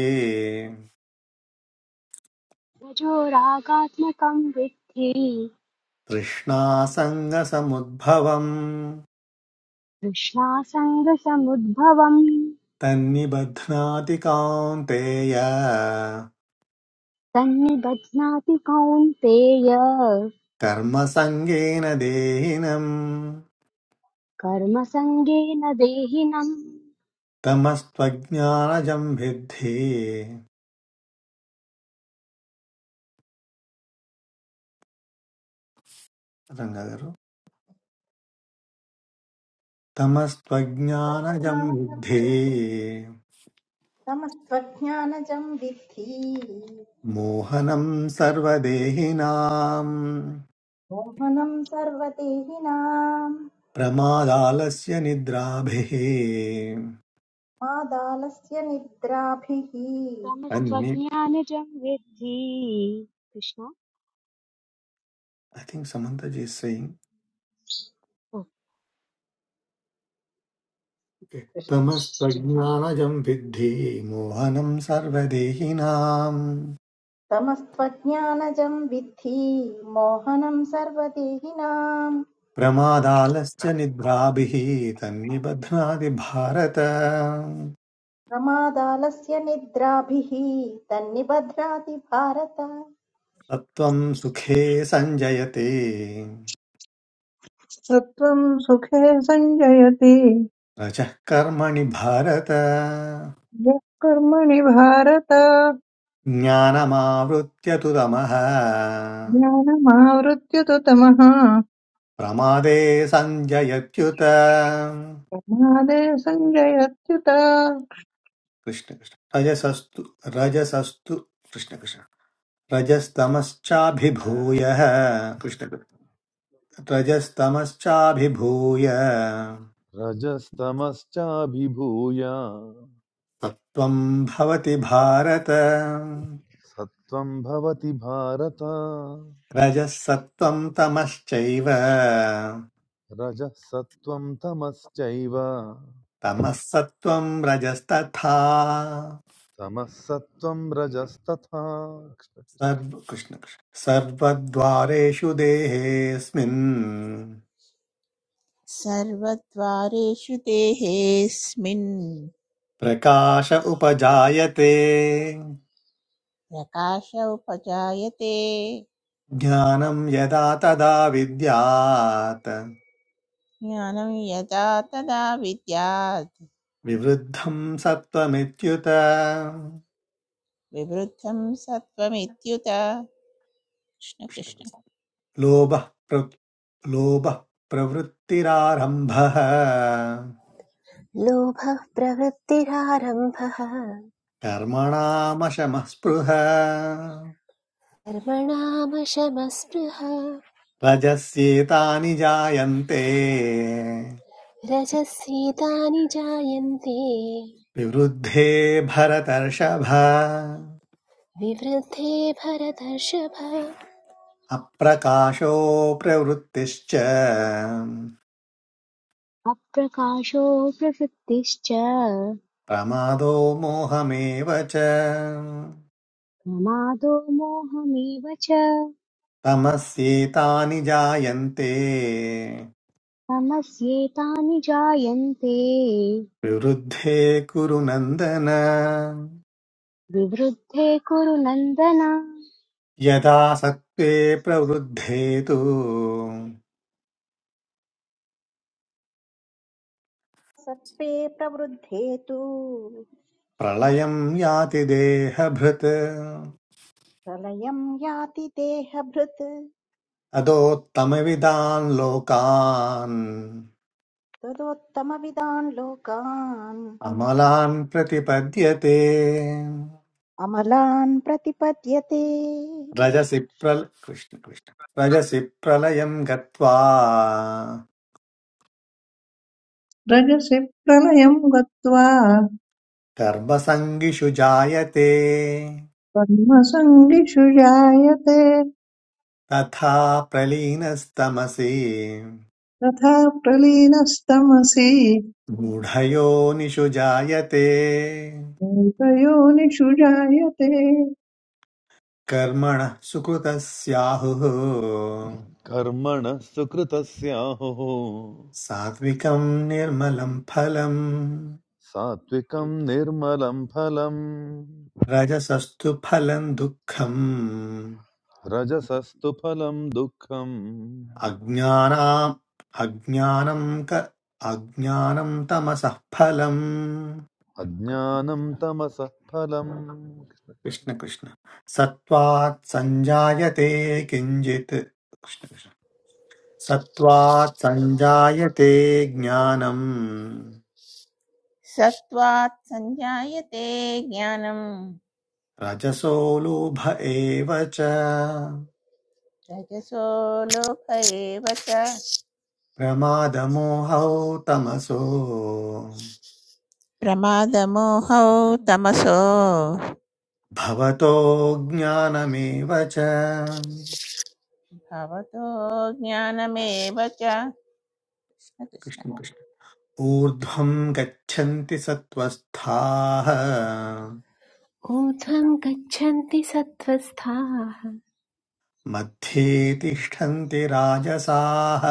Speaker 2: रजो रागात्मकं विद्धि
Speaker 1: तृष्णासङ्गसमुद्भवम्
Speaker 2: तृष्णासङ्गसमुद्भवम्
Speaker 1: तन्निबध्नाति कान्तेय
Speaker 2: तन्निबध्नाति कौन्तेय
Speaker 1: कर्मसङ्गेन देहिनम्
Speaker 2: कर्मसङ्गेन देहिनम्
Speaker 1: तमस्त्वज्ञानजम् विद्धे रङ्गगरु तमस्त्वज्ञानजं
Speaker 5: स्वज्ञानजं
Speaker 1: विद्धे
Speaker 5: वि- समस्त्वज्ञानजं विद्धि
Speaker 1: मोहनं सर्वदेहिनाम्
Speaker 5: मोहनं सर्वदेहिनां
Speaker 1: प्रमादालस्य निद्राभिः
Speaker 5: मादालस्य निद्राभिः
Speaker 1: अन्ये
Speaker 2: तमस्त्वज्ञानजं विद्धि Krishna
Speaker 1: I think Samantaji saying
Speaker 2: ओ।
Speaker 5: कृष्ण
Speaker 1: तमस्त्वज्ञानजं विद्धि मोहनं सर्वदेहिनाम्
Speaker 5: तमस्त्वज्ञानजं विद्धि मोहनं
Speaker 1: प्रमादालस्य निद्राभिः तन्निबध्नाति भारत
Speaker 5: प्रमादालस्य निद्राभिः तन्निबध्नाति भारत
Speaker 1: सत्त्वं सुखे सञ्जयते
Speaker 6: सत्त्वं सुखे सञ्जयति
Speaker 1: रजः कर्मणि भारत
Speaker 6: यः कर्मणि भारत
Speaker 1: ज्ञानमावृत्य तु तमः
Speaker 6: ज्ञानमावृत्य तु तमः
Speaker 1: प्रमादे सञ्जयत्युत
Speaker 6: प्रमादे सञ्जयत्युत
Speaker 1: कृष्ण कृष्ण रजसस्तु रजसस्तु कृष्ण कृष्ण रजस्तमश्चाभिभूय कृष्ण कृष्ण रजस्तमश्चाभिभूय
Speaker 7: रजस्तमश्चाभिभूय
Speaker 1: सत्वं भवति भारत
Speaker 7: सत्त्वं भवति भारत
Speaker 1: रजसत्त्वं तमश्चैव
Speaker 7: रजः सत्त्वं तमश्चैव
Speaker 1: तमःसत्त्वं रजस्तथा
Speaker 7: तमःसत्त्वं रजस्तथा
Speaker 1: सर्व कृष्ण कृष्ण सर्वद्वारेषु देहेऽस्मिन्
Speaker 8: सर्वद्वारेषु देहेऽस्मिन्
Speaker 1: प्रकाश उपजायते
Speaker 8: प्रकाश उपजायते
Speaker 1: ज्ञानं यदा तदा विद्यात्
Speaker 8: ज्ञानं यदा तदा विद्यात्
Speaker 1: विवृद्धं सत्त्वमित्युत
Speaker 8: विवृद्धं सत्त्वमित्युत कृष्णकृष्ण
Speaker 1: लोभः प्र लोभः प्रवृत्तिरारम्भः
Speaker 3: लोभः प्रवृत्तिरारम्भः
Speaker 1: कर्मणामशमः स्पृह
Speaker 3: कर्मणामशमस्पृहा
Speaker 1: रजस्येतानि जायन्ते
Speaker 3: रजस्येतानि जायन्ते
Speaker 1: विवृद्धे भरतर्षभ
Speaker 3: विवृद्धे भरतर्षभ
Speaker 1: अप्रकाशो प्रवृत्तिश्च
Speaker 2: अप्रकाशो प्रवृत्तिश्च
Speaker 1: प्रमादो मोहमेव च
Speaker 2: प्रमादो मोहमेव च
Speaker 1: तमस्येतानि जायन्ते
Speaker 2: तमस्येतानि जायन्ते
Speaker 1: विवृद्धे कुरु नन्दन
Speaker 2: विवृद्धे कुरु नन्दन
Speaker 1: यदा सत्त्वे प्रवृद्धे तु
Speaker 5: सत्त्वे प्रवृद्धे तु
Speaker 1: प्रलयम् याति देहभृत्
Speaker 5: प्रलयं याति देहभृत्
Speaker 1: अदोत्तमविदान् लोकान्
Speaker 5: तदोत्तमविदान् लोकान्
Speaker 1: अमलान् प्रतिपद्यते
Speaker 5: अमलान् प्रतिपद्यते कृष्ण
Speaker 1: रजसि
Speaker 5: कृष्ण
Speaker 1: प्रल कृष्ण कृष्ण रजसि प्रलयम् गत्वा
Speaker 6: रजसि प्रलयं गत्वा
Speaker 1: कर्मसङ्गिषु जायते
Speaker 6: कर्मसङ्गिषु जायते
Speaker 1: तथा प्रलीनस्तमसि
Speaker 6: तथा प्रलीनस्तमसि
Speaker 1: मूढयोनिषु जायते
Speaker 6: मूर्धयोनिषु जायते
Speaker 1: कर्मणः सुकृतस्याहुः
Speaker 7: कर्मणः सुकृतस्याहुः
Speaker 1: सात्विकम् निर्मलम् फलम्
Speaker 7: सात्विकं निर्मलं फलं
Speaker 1: रजसस्तु फलम् दुःखम्
Speaker 7: रजसस्तु फलं दुःखम्
Speaker 1: अज्ञानाम् अज्ञानं क अज्ञानं तमसः फलम्
Speaker 7: अज्ञानं तमसः फलम् कृष्ण कृष्ण
Speaker 1: कृष्ण कृष्ण सत्त्वात् सञ्जायते किञ्चित् कृष्ण कृष्ण सत्त्वात् सञ्जायते ज्ञानम्
Speaker 8: सत्त्वात् सञ्जायते ज्ञानं
Speaker 1: रजसो लोभ एव च
Speaker 8: रजसो लोभ एव च
Speaker 1: प्रमादमोहौ तमसो
Speaker 8: प्रमादमोहौ तमसो
Speaker 1: भवतो ज्ञानमेव च
Speaker 8: भवतो ज्ञानमेव च कृष्ण कृष्ण
Speaker 1: कृष्ण कृष्ण ऊर्ध्वं गच्छन्ति सत्त्वस्थाः
Speaker 3: ऊर्ध्वं गच्छन्ति सत्त्वस्थाः
Speaker 1: मध्ये तिष्ठन्ति राजसाः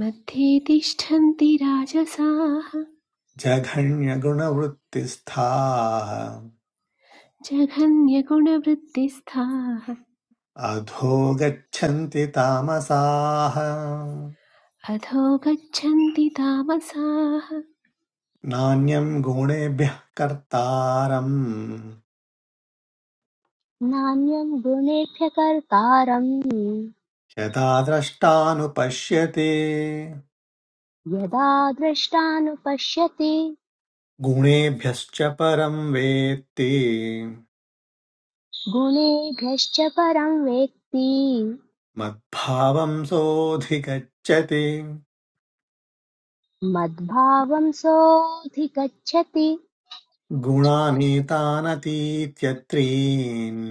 Speaker 3: मध्ये तिष्ठन्ति राजसाः
Speaker 1: जघन्यगुणवृत्तिस्थाः
Speaker 3: जघन्यगुणवृत्तिस्थाः
Speaker 1: अधो गच्छन्ति तामसाः
Speaker 3: अधो गच्छन्ति तामसाः
Speaker 1: नान्यं गुणेभ्यः कर्तारम्
Speaker 2: नान्यं गुणेभ्य कर्तारम्
Speaker 1: यदा द्रष्टानुपश्यति
Speaker 2: यदा द्रष्टानुपश्यति
Speaker 1: गुणेभ्यश्च परं वेत्ति
Speaker 2: गुणेभ्यश्च परं वेत्ति
Speaker 1: मद्भावं सोऽधिगच्छति
Speaker 2: मद्भावं सोऽधिगच्छति
Speaker 1: गुणानीतानतीत्यत्रीन्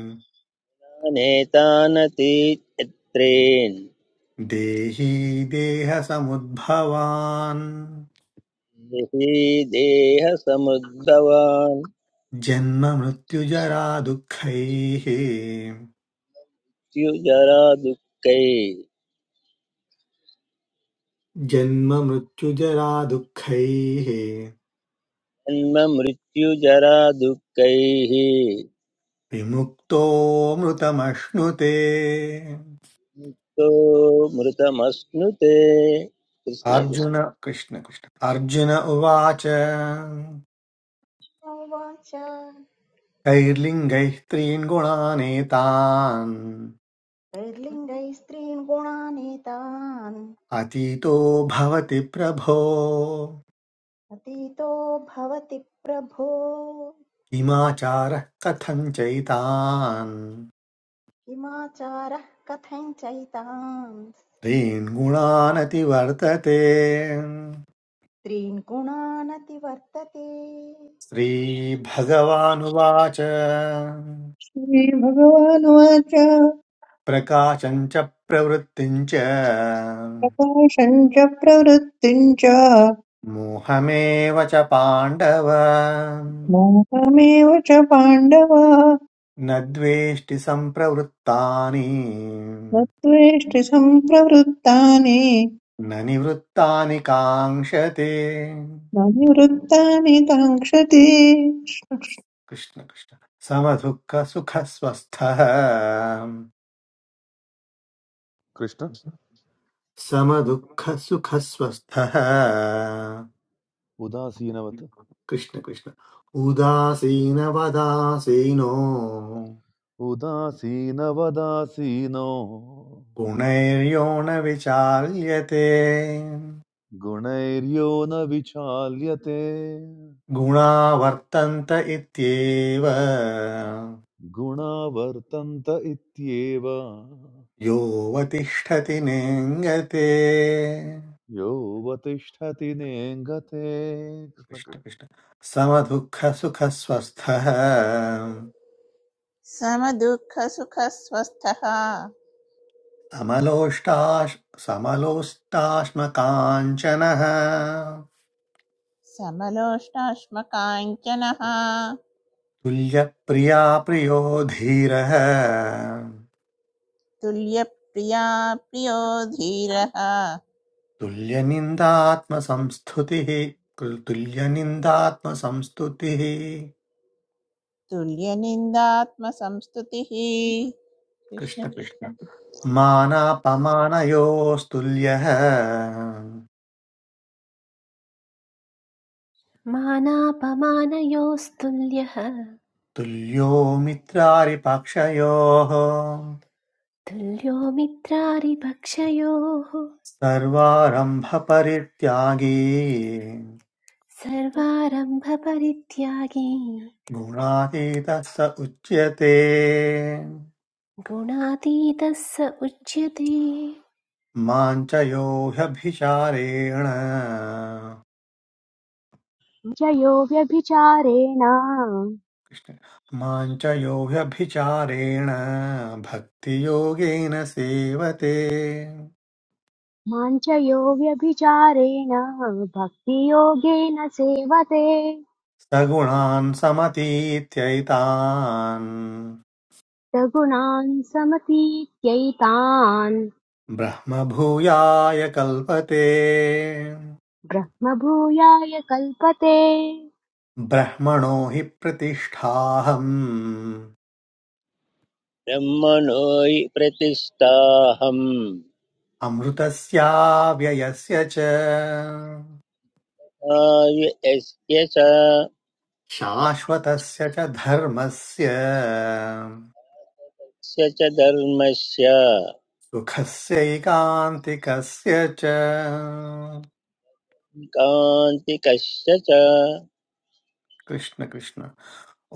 Speaker 4: कृष्णकृष्णानेतानतीत्यत्रेन्
Speaker 1: देही देहसमुद्भवान्
Speaker 4: देहि देहसमुद्भवान्
Speaker 1: जन्ममृत्युजरादुःखैः
Speaker 4: द्युजरा दुःखैः
Speaker 1: जन्ममृत्युजरादुःखैः
Speaker 4: जन्म मृत्यु जरा दुःखैः
Speaker 1: विमुक्तोऽमृतमश्नुते
Speaker 4: मुक्तो मृतमश्नुते कृष्ण
Speaker 1: अर्जुन
Speaker 4: कृष्ण
Speaker 1: कृष्ण कृष्ण अर्जुन उवाच
Speaker 5: उवाच
Speaker 1: कैर्लिङ्गैः त्रीन् गुणानेतान्
Speaker 5: तैर्लिङ्गैः स्त्रीन् गुणानेतान्
Speaker 1: अतीतो भवति प्रभो
Speaker 5: अतीतो भवति प्रभो
Speaker 1: किमाचारः कथं चैतान्
Speaker 5: किमाचारः कथञ्चैतान्
Speaker 1: त्रीन् गुणानतिवर्तते
Speaker 5: त्रीन् गुणानतिवर्तते
Speaker 1: श्रीभगवानुवाच
Speaker 6: श्रीभगवानुवाच
Speaker 1: प्रकाशम् च प्रवृत्तिम् च
Speaker 6: प्रकाशम् च प्रवृत्तिम् च
Speaker 1: मोहमेव च पाण्डव
Speaker 6: मोहमेव च पाण्डव
Speaker 1: न द्वेष्टि सम्प्रवृत्तानि
Speaker 6: न त्वेष्टि सम्प्रवृत्तानि
Speaker 1: न निवृत्तानि काङ्क्षते
Speaker 6: न निवृत्तानि काङ्क्षति
Speaker 1: कृष्ण कृष्ण समदुःखसुखस्वस्थः
Speaker 7: कृष्ण
Speaker 1: समदुःखसुखस्वस्थः
Speaker 7: उदासीनवत्
Speaker 1: कृष्ण कृष्ण उदासीनवदासीनो
Speaker 7: उदासीनवदासीनो
Speaker 1: गुणैर्यो न विचाल्यते
Speaker 7: गुणैर्यो न विचाल्यते
Speaker 1: गुणा वर्तन्त इत्येव
Speaker 7: गुणा वर्तन्त इत्येव
Speaker 1: योऽवतिष्ठति नेङ्गते
Speaker 7: यो उपतिष्ठति नेङ्गते कृष्ण
Speaker 1: कृष्ण
Speaker 7: कृष्ण।
Speaker 1: कृष्ण समदुःखसुखस्वस्थः
Speaker 8: समदुःखसुखस्वस्थः
Speaker 1: समलोष्टाश् समलोष्टाश्मकाञ्चनः
Speaker 8: समलोष्टाश्मकाञ्चनः
Speaker 1: तुल्यप्रिया प्रियो धीरः
Speaker 8: तुल्यप्रिया प्रियो धीरः
Speaker 1: तुल्यनिन्दात्मसंस्तुतिः कृ- तुल्यनिन्दात्मसंस्तुतिः
Speaker 8: तुल्यनिन्दात्मसंस्तुतिः कृष्ण
Speaker 1: कृष्ण
Speaker 8: कृष्ण
Speaker 1: कृष्ण मानापमानयोस्तुल्यः
Speaker 3: मानापमानयोस्तुल्यः
Speaker 1: तुल्यो मित्रारिपक्षयोः
Speaker 3: तुल्यो मित्रारिपक्षयोः
Speaker 1: सर्वारम्भपरित्यागी
Speaker 3: सर्वारम्भपरित्यागी
Speaker 1: गुणातीतः स उच्यते
Speaker 3: गुणातीतः स उच्यते
Speaker 1: मां च यो ह्यभिचारेण
Speaker 2: चयो व्यभिचारेण
Speaker 1: कृष्ण मां च यो व्यभिचारेण भक्तियोगेन सेवते
Speaker 2: माञ्चयो व्यभिचारेण भक्तियोगेन सेवते
Speaker 1: सगुणान् समतीत्यैतान्
Speaker 2: सगुणान् समतीत्यैतान्
Speaker 1: ब्रह्मभूयाय कल्पते
Speaker 2: ब्रह्मभूयाय कल्पते
Speaker 1: ब्रह्मणो हि प्रतिष्ठाहम्
Speaker 4: ब्रह्मणो हि प्रतिष्ठाहम्
Speaker 1: अमृतस्याव्ययस्य च
Speaker 4: आयु यस्य च यस्य
Speaker 1: शाश्वतस्य च धर्मस्य
Speaker 4: च धर्मस्य
Speaker 1: सुखस्यैकान्तिकस्य च
Speaker 4: कान्तिकस्य च
Speaker 1: कृष्ण कृष्ण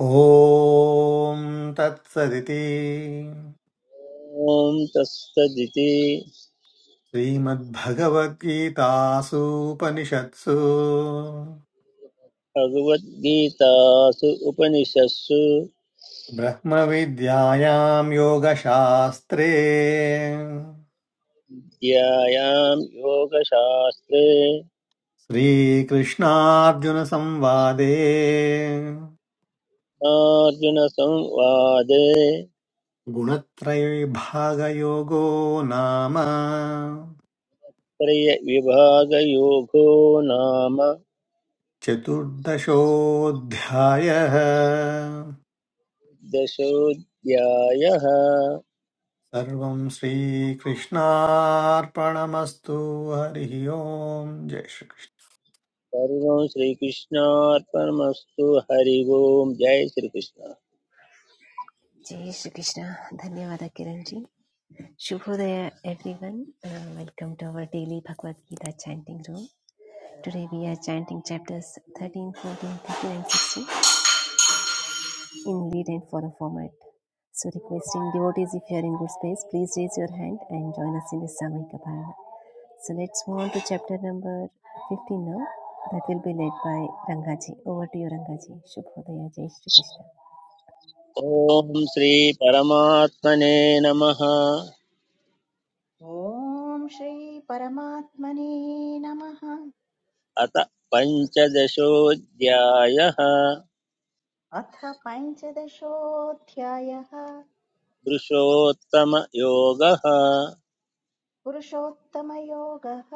Speaker 1: ॐ तत्सदिति
Speaker 4: ॐ तत्सदिति
Speaker 1: श्रीमद्भगवद्गीतासूपनिषत्सु
Speaker 4: भगवद्गीतासु उपनिषत्सु
Speaker 1: ब्रह्मविद्यायां योगशास्त्रे
Speaker 4: विद्यायां योगशास्त्रे
Speaker 1: श्रीकृष्णार्जुनसंवादे
Speaker 4: अर्जुनसंवादे
Speaker 1: गुणत्रयविभागयोगो नाम
Speaker 4: त्रय विभागयोगो नाम
Speaker 1: चतुर्दशोऽध्यायः
Speaker 4: दशोऽध्यायः
Speaker 1: सर्वं श्रीकृष्णार्पणमस्तु हरिः ओं जय श्रीकृष्ण
Speaker 4: सर्वं श्रीकृष्णार्पणमस्तु हरि ओम् जय श्रीकृष्ण
Speaker 3: जय श्री कृष्ण धन्यवाद किरण जी शुभोदय everyone welcome to our daily Bhagavad Gita chanting room today we are chanting chapters 13 14 15 and 16 in lead and follow format So requesting devotees, if you are in good space, please raise your hand and join us in the Samahika Parana. So let's move on to chapter number 15 now. That will be led by Rangaji. Over to you, Rangaji. Shubhodaya, Jai Shri Krishna.
Speaker 4: ॐ श्रीपरमात्मने नमः
Speaker 5: ॐ श्रीपरमात्मने नमः
Speaker 4: अथ पञ्चदशोऽध्यायः
Speaker 5: अथ पञ्चदशोऽध्यायः
Speaker 4: पुरुषोत्तमयोगः
Speaker 5: पुरुषोत्तमयोगः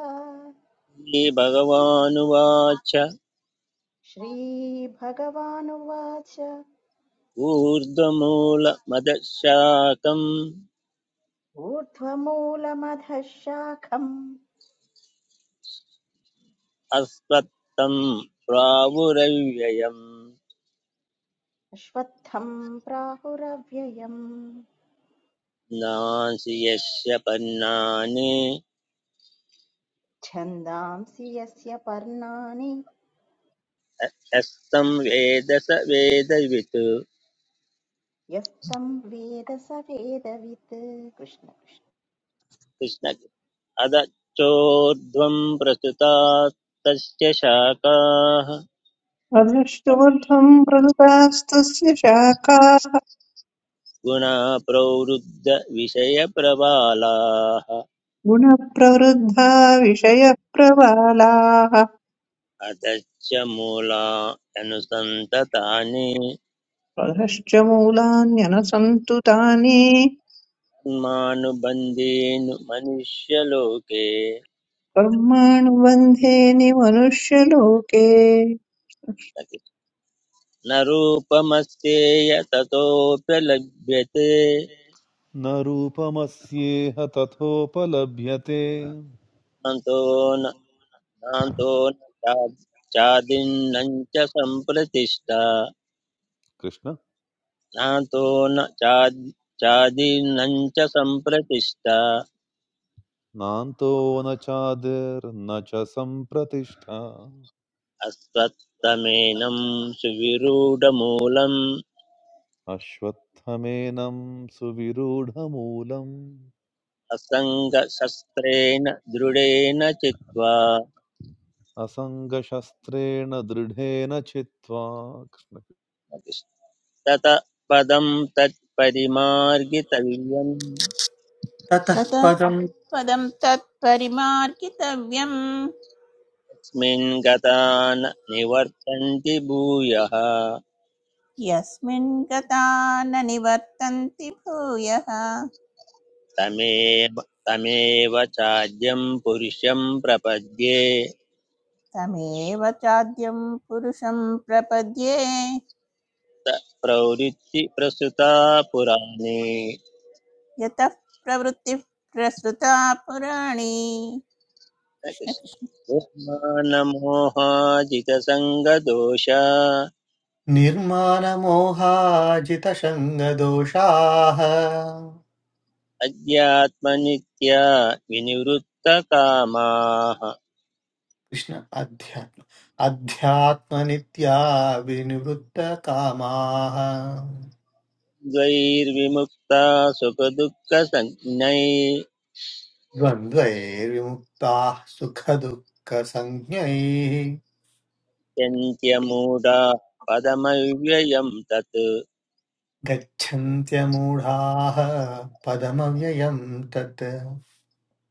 Speaker 4: श्रीभगवानुवाच
Speaker 5: श्रीभगवानुवाच
Speaker 4: ऊर्ध्वमूलमदशाकम्
Speaker 5: ऊर्ध्वमूलमधः शाखम्
Speaker 4: अस्त्वत्तं प्रावुरव्ययम्
Speaker 5: अश्वत्थम् प्राहुरव्ययम्
Speaker 4: नासि यस्य पन्नानि
Speaker 5: छन्दांसि यस्य पर्णानि
Speaker 4: यस्तं वेद स वेदवित्
Speaker 5: यस्तम् वेद स वेदवित् कृष्ण कृष्ण
Speaker 4: कृष्ण अदच्चोर्ध्वं प्रस्तुतास्तस्य शाखाः
Speaker 6: अधश्चोर्ध्वम् प्रदुतास्तस्य शाखा
Speaker 4: गुणा प्रवृद्धविषयप्रबालाः
Speaker 6: गुणप्रवृद्धा विषयप्रवालाः
Speaker 4: अतश्च मूला अनुसन्ततानि
Speaker 6: परश्च मूलान्यनसन्तु तानि
Speaker 4: मानुबन्धेनु मनुष्यलोके
Speaker 6: कर्माणुबन्धे निमनुष्यलोके
Speaker 4: न रूपमस्येय ततोऽप्यलभ्यते
Speaker 7: न रूपमस्येह तथोपलभ्यते
Speaker 4: नान्तो न नान्तो न चा- चादिन्नं च सम्प्रतिष्ठा
Speaker 7: कृष्ण
Speaker 4: नान्तो न चा चादिन्नं च सम्प्रतिष्ठा
Speaker 7: नान्तो न चादिर्न च सम्प्रतिष्ठा
Speaker 4: अस्वत्थमेनं सुविरूढमूलम्
Speaker 7: अश्वत्थमेनं सुविरूढमूलम्
Speaker 4: असङ्गशस्त्रेण दृढेन चित्वा
Speaker 7: असङ्गशस्त्रेण दृढेन चित्वा कृष्ण कृष्ण।
Speaker 4: तत पदं तत्परिमार्गितव्यम्
Speaker 1: ततः
Speaker 8: ततः
Speaker 1: पदं
Speaker 8: पदं तत्परिमार्गितव्यम्
Speaker 4: यस्मिन् गता न निवर्तन्ति भूयः
Speaker 8: यस्मिन् गता न निवर्तन्ति भूयः
Speaker 4: तमेव तमेव चाद्यं पुरुषं प्रपद्ये
Speaker 8: तमेव चाद्यं पुरुषं प्रपद्ये
Speaker 4: त प्रवृत्ति प्रसृता पुराणे
Speaker 8: यतः प्रवृत्तिः प्रसृता पुराणी कृष्णकृष्ण
Speaker 4: निर्माणमोहाजितसङ्गदोष
Speaker 1: निर्मानमोहाजितशङ्गदोषाः
Speaker 4: अध्यात्मनित्या विनिवृत्तकामाः
Speaker 1: कृष्ण अध्यात्म अध्यात्मनित्या विनिवृत्तकामाः
Speaker 4: द्वैर्विमुक्ता सुखदुःखसञ्ज्ञै
Speaker 1: द्वन्द्वैर्विमुक्ताः सुखदुःखसञ्ज्ञैः
Speaker 4: यन्त्यमूढा पदमव्ययम् तत्
Speaker 1: गच्छन्त्यमूढाः पदमव्ययम् तत्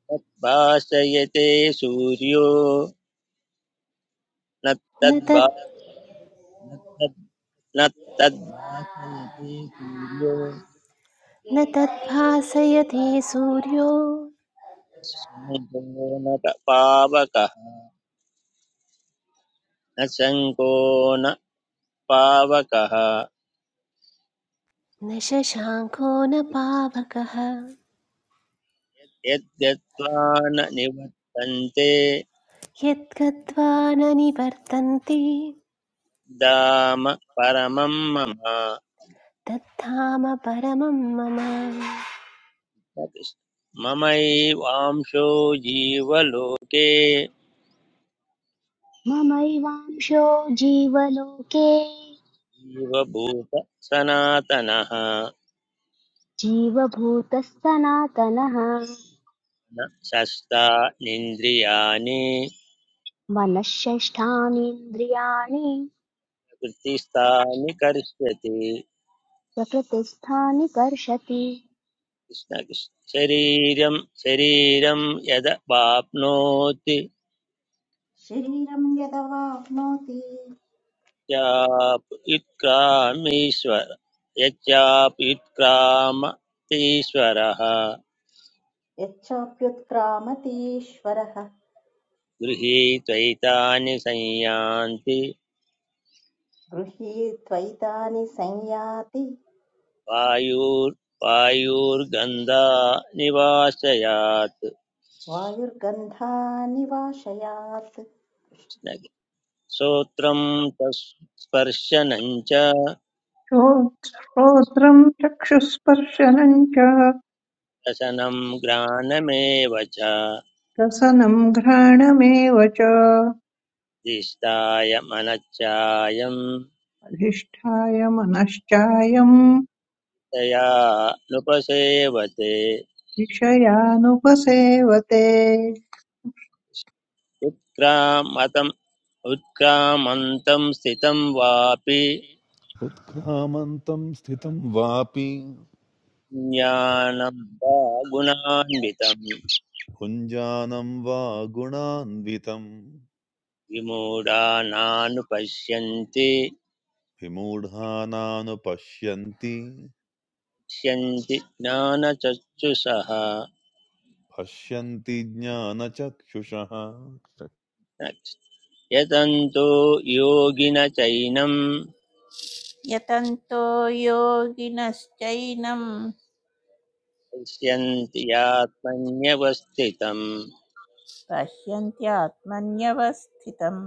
Speaker 4: तद्भाषयते सूर्यो न
Speaker 3: न
Speaker 4: तद्भा
Speaker 3: तत्
Speaker 4: न तद् न तद्भाषयते सूर्यो
Speaker 3: न तद्भासयते सूर्यो
Speaker 4: शङ्को न त- पावकः न शङ्को न पावकः
Speaker 3: न शशाङ्को न पावकः
Speaker 4: यद्गत्वा न निवर्तन्ते
Speaker 3: यद्गत्वा न निवर्तन्ते
Speaker 4: धाम परमं मम
Speaker 3: तद्धाम परमं मम
Speaker 4: ममैवांशो जीवलोके
Speaker 2: ममैवांशो जीवलोके
Speaker 4: जीवभूत सनातनः
Speaker 2: जीवभूतः सनातनः
Speaker 4: न शस्तानीन्द्रियाणि
Speaker 2: मनःषष्ठानीन्द्रियाणि
Speaker 4: कृतिस्थानि कर्ष्यति
Speaker 2: प्रकृतिस्थानि कर्षति
Speaker 4: कृष्ण कृष्ण। शरीरं शरीरं यद वाप्नोति
Speaker 5: शरीरं यदवाप्नोति
Speaker 4: चाप्युत्क्रामीश्वर यच्चाप्युत्क्रामतीश्वरः
Speaker 5: यच्चाप्युत्क्रामतीश्वरः
Speaker 4: गृहीत्वैतानि संयान्ति
Speaker 5: गृहीत्वैतानि संयाति
Speaker 4: वायुर् वायुर्गन्धा निवासयात्
Speaker 5: वायुर्गन्धानि वाशयात्
Speaker 4: श्रोत्रं च स्पर्शनं च
Speaker 6: श्रो- श्रोत्रं चक्षुस्पर्शनं च
Speaker 4: रसनं ग्राणमेव च
Speaker 6: रसनं घ्राणमेव च
Speaker 4: दिष्टाय मनश्चायं
Speaker 6: अधिष्ठाय मनश्चायं
Speaker 4: तया नुपसेवते
Speaker 6: विषयानुपसेवते
Speaker 4: उत्क्रामतम् उत्क्रामन्तं स्थितं वापि
Speaker 7: उत्क्रामन्तं स्थितं वापि
Speaker 4: ज्ञानं वा गुणान्वितं
Speaker 7: भुञ्जानं वा गुणान्वितम्
Speaker 4: विमूढानानुपश्यन्ति
Speaker 7: विमूढानानुपश्यन्ति
Speaker 4: पश्यन्ति ज्ञानचक्षुषः
Speaker 7: पश्यन्ति ज्ञानचक्षुषः
Speaker 4: यतन्तो योगिन चैनम्
Speaker 8: यतन्तो योगिनश्चैनं
Speaker 4: पश्यन्ति यात्मन्यवस्थितम्
Speaker 8: पश्यन्त्यात्मन्यवस्थितं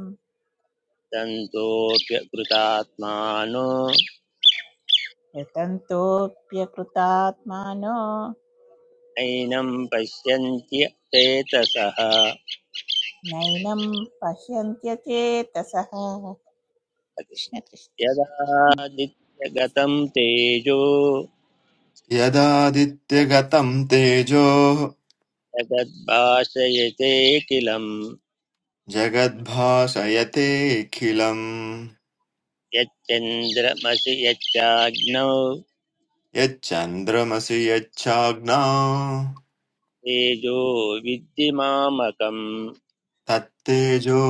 Speaker 4: तन्तोऽप्यकृतात्मानो
Speaker 8: यतन्तोऽप्यकृतात्मानो
Speaker 4: नैनं पश्यन्त्य चेतसः
Speaker 8: नैनं पश्यन्त्यचेतसः कृष्णकृष्ण कृष्ण
Speaker 4: यदादित्यगतं तेजो
Speaker 9: यदादित्यगतं तेजो
Speaker 4: जगद्भाषयते किलं
Speaker 9: जगद्भाषयतेऽखिलम्
Speaker 4: यच्चन्द्रमसि यच्चाग्नौ
Speaker 9: यच्चन्द्रमसि यच्चाग्नौ
Speaker 4: तेजो विद्धिमामकम्
Speaker 9: तत्तेजो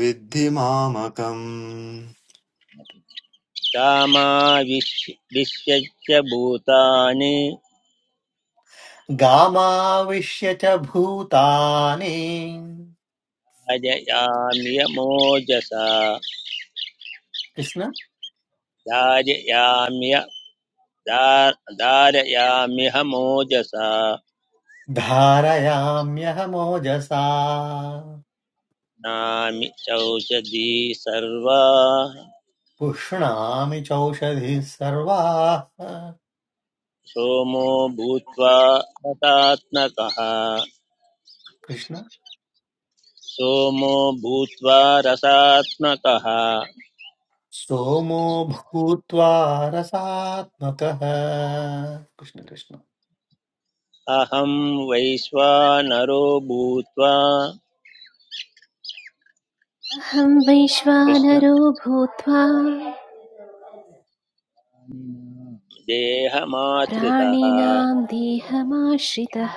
Speaker 9: विद्धि मामकम्
Speaker 4: क्षामाविश्य भूतानि
Speaker 1: गामाविश्य च भूतानि
Speaker 4: धारयाम्यमोजसा
Speaker 1: कृष्ण
Speaker 4: धारयाम्य धा- धारयाम्यहमोजसा
Speaker 1: धारयाम्यहमोजसा
Speaker 4: नामि चौषधी सर्वा
Speaker 1: पुष्णामि चौषधिः सर्वाः
Speaker 4: सोमो भूत्वा रसात्मकः
Speaker 1: कृष्ण
Speaker 4: सोमो भूत्वा रसात्मकः
Speaker 1: सोमो भूत्वा रसात्मकः कृष्ण कृष्ण
Speaker 4: अहं वैश्वानरो भूत्वा
Speaker 3: अहं
Speaker 4: कृष्ण
Speaker 3: वैश्वानरो भूत्वा
Speaker 4: देहमाश्रितः
Speaker 3: प्राणिनां देहमाश्रितः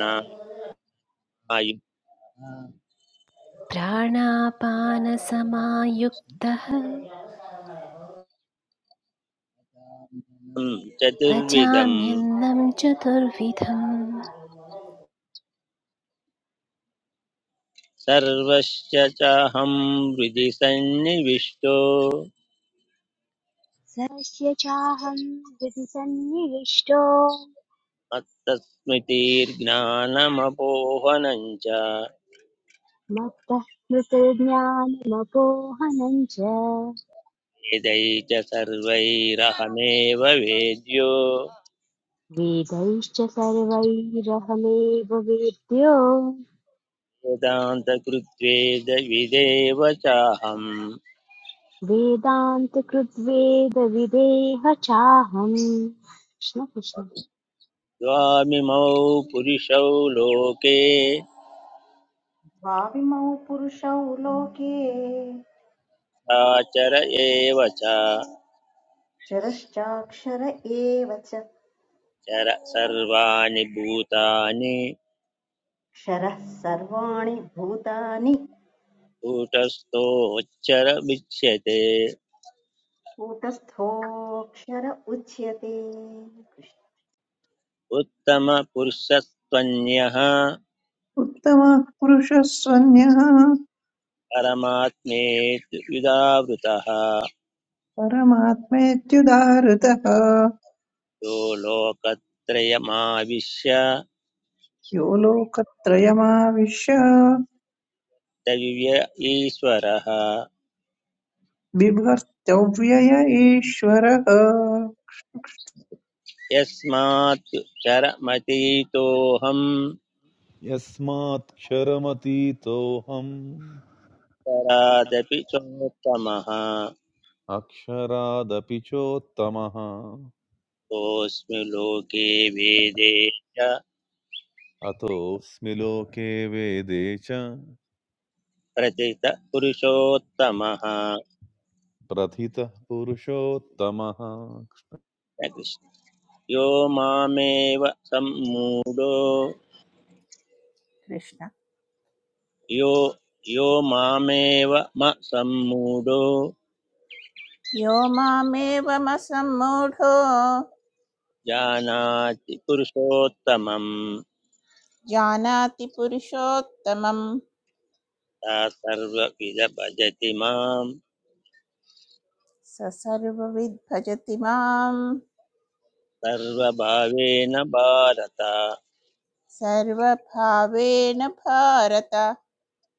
Speaker 4: ना आयुधं
Speaker 3: प्राणापानसमायुक्तः
Speaker 4: चतुर्विधं
Speaker 3: पचाम्यन्नं चतुर्विधम्
Speaker 4: सर्वस्य चाहं हृदि सन्निविष्टो
Speaker 2: स यस्य चाहं हृदि सन्निविष्टो
Speaker 4: मत्तस्मृतिर्ज्ञानमपोहनं च
Speaker 2: मत्तः स्मृतिर्ज्ञानमपोहनम् च
Speaker 4: वेदै च सर्वैरहमेव वेद्यो
Speaker 2: वेदैश्च सर्वैरहमेव वेद्यो
Speaker 4: वेदान्तकृत्वेदविदेव चाहं
Speaker 2: वेदान्तकृद्वेदविदेह चाहम् कृष्ण कृष्ण
Speaker 4: द्वामिमौ पुरुषौ लोके
Speaker 5: भाविमौ पुरुषौ लोके
Speaker 4: आचर एव च
Speaker 5: क्षरश्चाक्षर एव च
Speaker 4: चर सर्वाणि भूतानि
Speaker 5: क्षरः सर्वाणि भूतानि
Speaker 4: कूटस्थोच्चरमिच्यते
Speaker 5: कूटस्थोऽक्षर उच्यते
Speaker 4: उत्तमपुरुषस्त्वन्यः
Speaker 6: उत्तमः पुरुषः स्वन्यः
Speaker 4: परमात्मेति विदावृतः
Speaker 6: परमात्मेत्युदाहृतः
Speaker 4: यो लोकत्रयमाविश्य
Speaker 6: यो लोकत्रयमाविश्य
Speaker 4: दिव्य ईश्वरः
Speaker 6: बिभर्त्यव्यय ईश्वरः
Speaker 4: यस्मात् चरमतीतोऽहम्
Speaker 7: यस्माक्षरमतीतोऽहम्
Speaker 4: चरादपि चोत्तमः
Speaker 7: अक्षरादपि चोत्तमः
Speaker 4: कोऽस्मि लोके वेदे च
Speaker 7: अतोऽस्मि लोके वेदे च
Speaker 4: प्रतित पुरुषोत्तमः
Speaker 7: प्रथितः पुरुषोत्तमः
Speaker 4: यो मामेव सम्मूढो
Speaker 8: कृष्ण
Speaker 4: यो यो मामेव म सम्मूढो
Speaker 8: यो मामेवमसम्मूढो
Speaker 4: जानाति पुरुषोत्तमं
Speaker 8: जानाति पुरुषोत्तमं
Speaker 4: सा सर्वविद भजति मां
Speaker 8: स सर्वविद्भजति माम्
Speaker 4: सर्वभावेन भारत कृष्ण
Speaker 8: सर्वभावेन भारत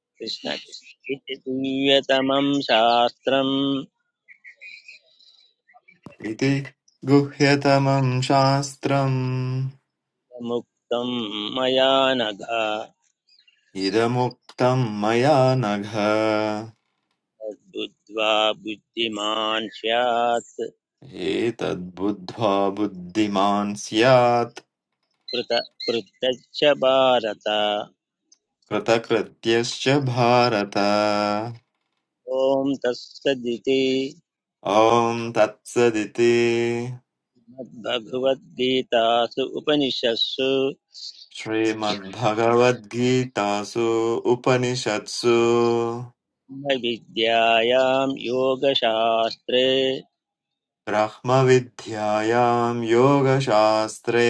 Speaker 8: कृष्ण कृष्ण
Speaker 4: कृष्ण। इति दिव्यतमं शास्त्रं
Speaker 9: इति गुह्यतमं शास्त्रम्
Speaker 4: मुक्तं मया नघ
Speaker 9: इदमुक्तं मया नघ
Speaker 4: तद्बुद्ध्वा बुद्धिमान् स्यात्
Speaker 9: एतद्बुद्ध्वा बुद्धिमान् स्यात्
Speaker 4: पृत पृथच्च भारत
Speaker 9: कृतकृत्यश्च भारत
Speaker 4: ॐ तत्सदिति
Speaker 9: ॐ तत्सदिति
Speaker 4: मद्भगवद्गीतासु उपनिषत्सु
Speaker 9: श्रीमद्भगवद्गीतासु उपनिषत्सु
Speaker 4: ब्रह्मविद्यायां योगशास्त्रे
Speaker 9: ब्रह्मविद्यायां योगशास्त्रे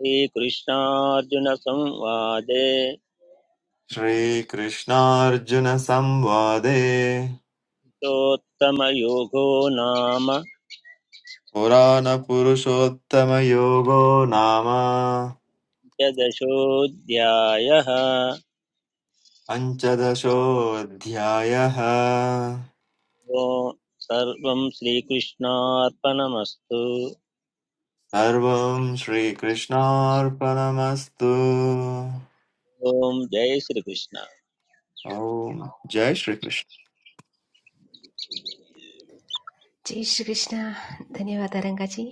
Speaker 4: श्रीकृष्णार्जुनसंवादे
Speaker 9: श्रीकृष्णार्जुनसंवादे
Speaker 4: योगो नाम
Speaker 9: पुराणपुरुषोत्तमयोगो नाम
Speaker 4: द्वादशोऽध्यायः
Speaker 9: पञ्चदशोऽध्यायः
Speaker 4: ओ सर्वं श्रीकृष्णार्पणमस्तु
Speaker 9: सर्वं श्रीकृष्णार्पणमस्तु
Speaker 4: ॐ जय श्रीकृष्ण
Speaker 9: ॐ जय श्रीकृष्ण
Speaker 3: జై శ్రీకృష్ణ ధన్యవాద Rangaji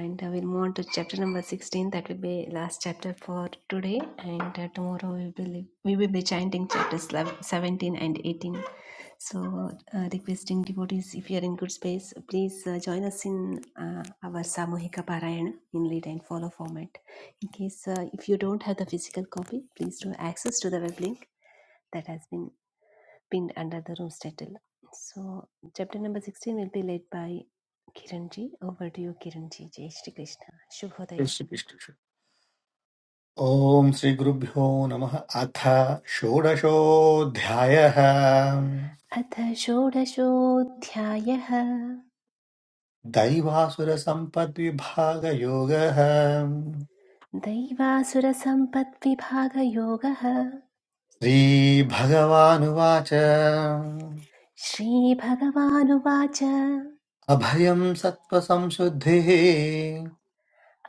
Speaker 3: and will move to chapter number sixteen that will be last chapter for today and tomorrow we will be chanting chapters seventeen and eighteen So, uh, requesting devotees, if you are in good space, please uh, join us in uh, our Samuhika Parayana in lead and follow format. In case uh, if you don't have the physical copy, please do access to the web link that has been pinned under the room's title. So, chapter number 16 will be led by Kiranji. Over to you, Kiranji. Jai Shri Krishna.
Speaker 1: जय
Speaker 3: Shubhodaya.
Speaker 1: Shri Krishna ॐ श्रीगुरुभ्यो नमः अथ षोडशोऽध्यायः
Speaker 3: अथ षोडशोऽध्यायः
Speaker 1: दैवासुरसम्पद्विभागयोगः
Speaker 3: दैवासुरसम्पद्विभागयोगः
Speaker 1: श्रीभगवानुवाच
Speaker 3: श्रीभगवानुवाच
Speaker 1: अभयं सत्त्वसंशुद्धिः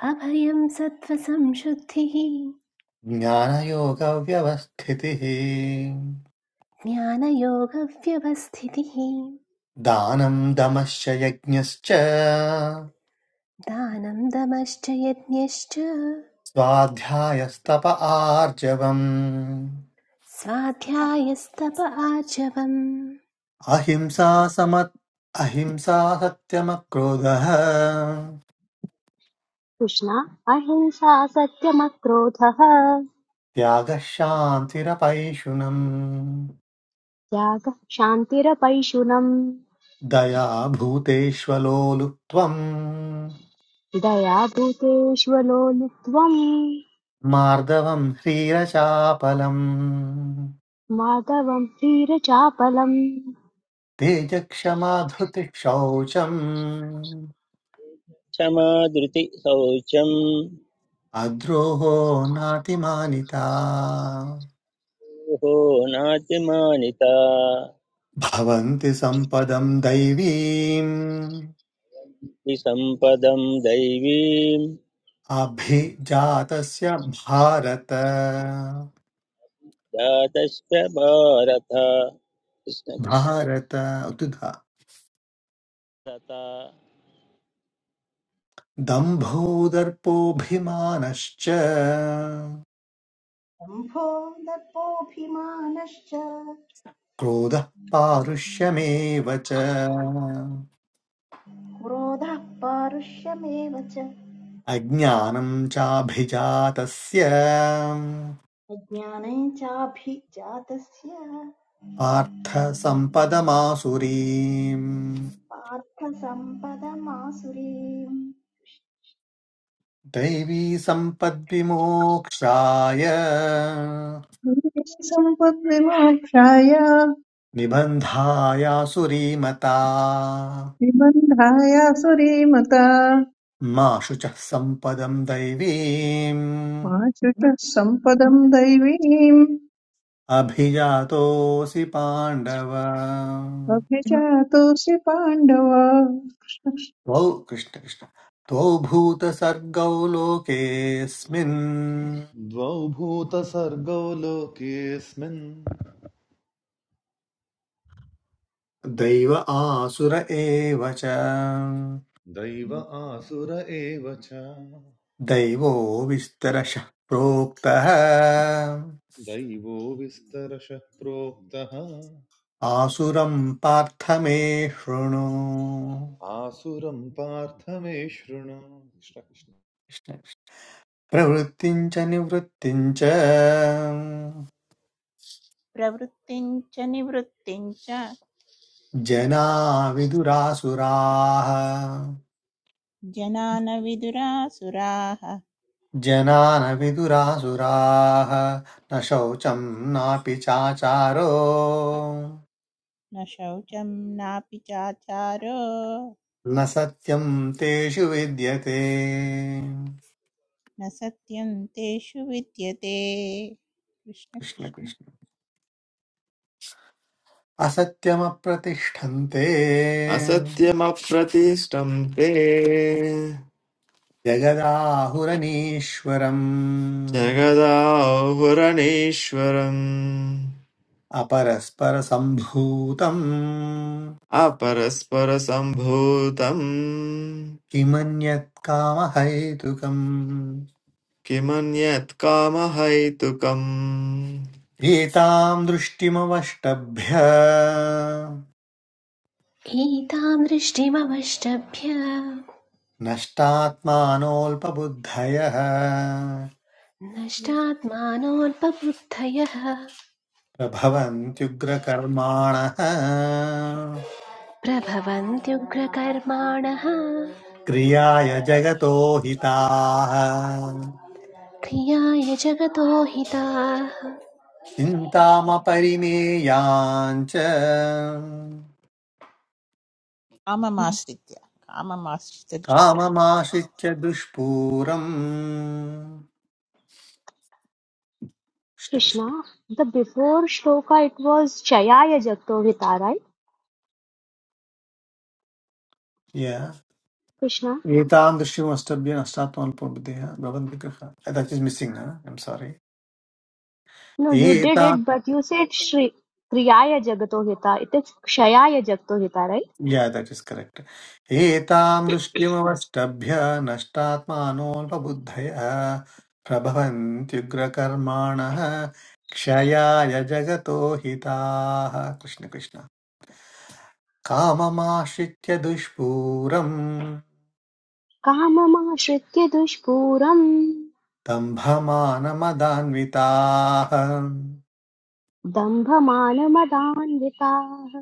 Speaker 3: अभयं सत्त्वसंशुद्धिः
Speaker 1: ज्ञानयोगव्यवस्थितिः
Speaker 3: ज्ञानयोगव्यवस्थितिः
Speaker 1: दानं दमश्च यज्ञश्च
Speaker 3: दानं दमश्च यज्ञश्च
Speaker 1: स्वाध्यायस्तप आर्जवम्
Speaker 3: स्वाध्यायस्तप आचवम्
Speaker 1: अहिंसा सम अहिंसा सत्यमक्रोधः
Speaker 2: कृष्ण अहिंसा सत्यमक्रोधः
Speaker 1: त्यागः शान्तिरपैशुनम्
Speaker 2: त्यागः शान्तिरपैशुनम्
Speaker 1: दया भूतेष्वलोलुप्त्वम्
Speaker 2: दया भूतेष्वलो लुत्वम्
Speaker 1: मार्दवम् ह्रीरचापलम्
Speaker 2: माधवम् वीरचापलम्
Speaker 1: तेजक्षमाधुतिः शौचम्
Speaker 4: क्षमा धृति शौचं
Speaker 1: अद्रोहो नातिमानिता
Speaker 4: हो नातिमानिता
Speaker 1: भवन्ति सम्पदम् दैवीम्
Speaker 4: हि सम्पदं दैवीं
Speaker 1: अभिजातस्य भारत
Speaker 4: जातश्च भारत कृष्णकृष्णता
Speaker 1: भारत उद्धा दम्भोदर्पोऽभिमानश्च
Speaker 5: शम्भो दर्पोऽभिमानश्च
Speaker 1: क्रोधः पारुष्यमेव च
Speaker 5: क्रोधः पारुष्यमेव च
Speaker 1: अज्ञानं चाभिजातस्य
Speaker 5: अज्ञाने चाभिजातस्य
Speaker 1: पार्थसम्पदमासुरीम्
Speaker 5: पार्थसम्पदमासुरीम्
Speaker 1: दैवी सम्पद्विमोक्षाय
Speaker 6: भुवि सम्पद्विमोक्षाय
Speaker 1: निबन्धायासुरीमता
Speaker 6: निबन्धाय सुरीमता
Speaker 1: मा शुचः सम्पदम् दैवीम्
Speaker 6: मा शुचः सम्पदम् दैवीम्
Speaker 1: अभिजातोऽसि पाण्डव
Speaker 6: अभिजातोऽसि पाण्डव
Speaker 1: त्वौ कृष्ण कृष्ण त्वौ भूतसर्गौ लोकेऽस्मिन्
Speaker 7: द्वौ भूतसर्गौ लोकेऽस्मिन्
Speaker 1: दैव आसुर एव च
Speaker 7: दैव आसुर एव च
Speaker 1: दैवो विस्तरशः प्रोक्तः
Speaker 7: दैवो विस्तरशः प्रोक्तः
Speaker 1: आसुरम् पार्थ मे शृणु
Speaker 7: आसुरं पार्थ मे शृणु कृष्ण कृष्ण
Speaker 1: प्रवृत्तिम् च निवृत्तिम् च
Speaker 8: प्रवृत्तिञ्च निवृत्तिञ्च
Speaker 1: जना विदुरासुराः
Speaker 8: जनान विदुरासुराः
Speaker 1: जनान विदुरासुराः न शौचं नापि चाचारो
Speaker 8: न शौचं नापि चाचारो
Speaker 1: न सत्यं तेषु विद्यते
Speaker 8: न सत्यं तेषु विद्यते कृष्ण
Speaker 1: कृष्ण
Speaker 8: कृष्ण
Speaker 1: कृष्ण असत्यमप्रतिष्ठन्ते
Speaker 9: असत्यमप्रतिष्ठं ते
Speaker 1: जगदाहुरनीश्वरम्
Speaker 9: जगदाहुरणीश्वरम्
Speaker 1: अपरस्परसम्भूतम्
Speaker 9: अपरस्परसम्भूतम्
Speaker 1: किमन्यत्कामहैतुकम्
Speaker 9: किमन्यत् कामहैतुकम्
Speaker 1: एताम् दृष्टिमवष्टभ्य
Speaker 3: एतां दृष्टिमवष्टभ्य
Speaker 1: नष्टात्मानोऽल्पबुद्धयः
Speaker 3: नष्टात्मानोऽल्पबुद्धयः
Speaker 1: प्रभवन्त्युग्रकर्माणः
Speaker 3: प्रभवन्त्युग्रकर्माणः
Speaker 1: क्रियाय जगतो हिताः
Speaker 3: क्रियाय जगतो हिताः
Speaker 1: चिन्तामपरिमेयाञ्च
Speaker 8: काममाश्रित्य काममाश्रित्य
Speaker 1: काममाश्रित्य दुष्पूरम् Krishna
Speaker 2: Krishna
Speaker 1: Krishna
Speaker 2: the before shloka it was चयाय जगतो हिता राइट
Speaker 1: या
Speaker 2: कृष्ण
Speaker 1: एतादृश्यम् अष्टभ्य अष्टात्मान् पूर्वदेह भवन्ति गृह that is missing I'm sorry
Speaker 2: no you did
Speaker 1: एता
Speaker 2: इट बट यू सेड श्री क्रियाय जगतो हिता इट इज क्षयाय जगतो हिता right
Speaker 1: yeah that is correct एतां दृष्ट्यमवष्टभ्य नष्टात्मानोऽल्पबुद्धयः प्रभवन्त्युग्रकर्माणः क्षयाय जगतो हिताः कृष्ण कृष्ण काममाश्रित्य दुष्पूरम्
Speaker 2: काममाश्रित्य दुष्पूरम्
Speaker 1: दम्भमानमदान्विताः
Speaker 2: दम्भमानमदान्विताः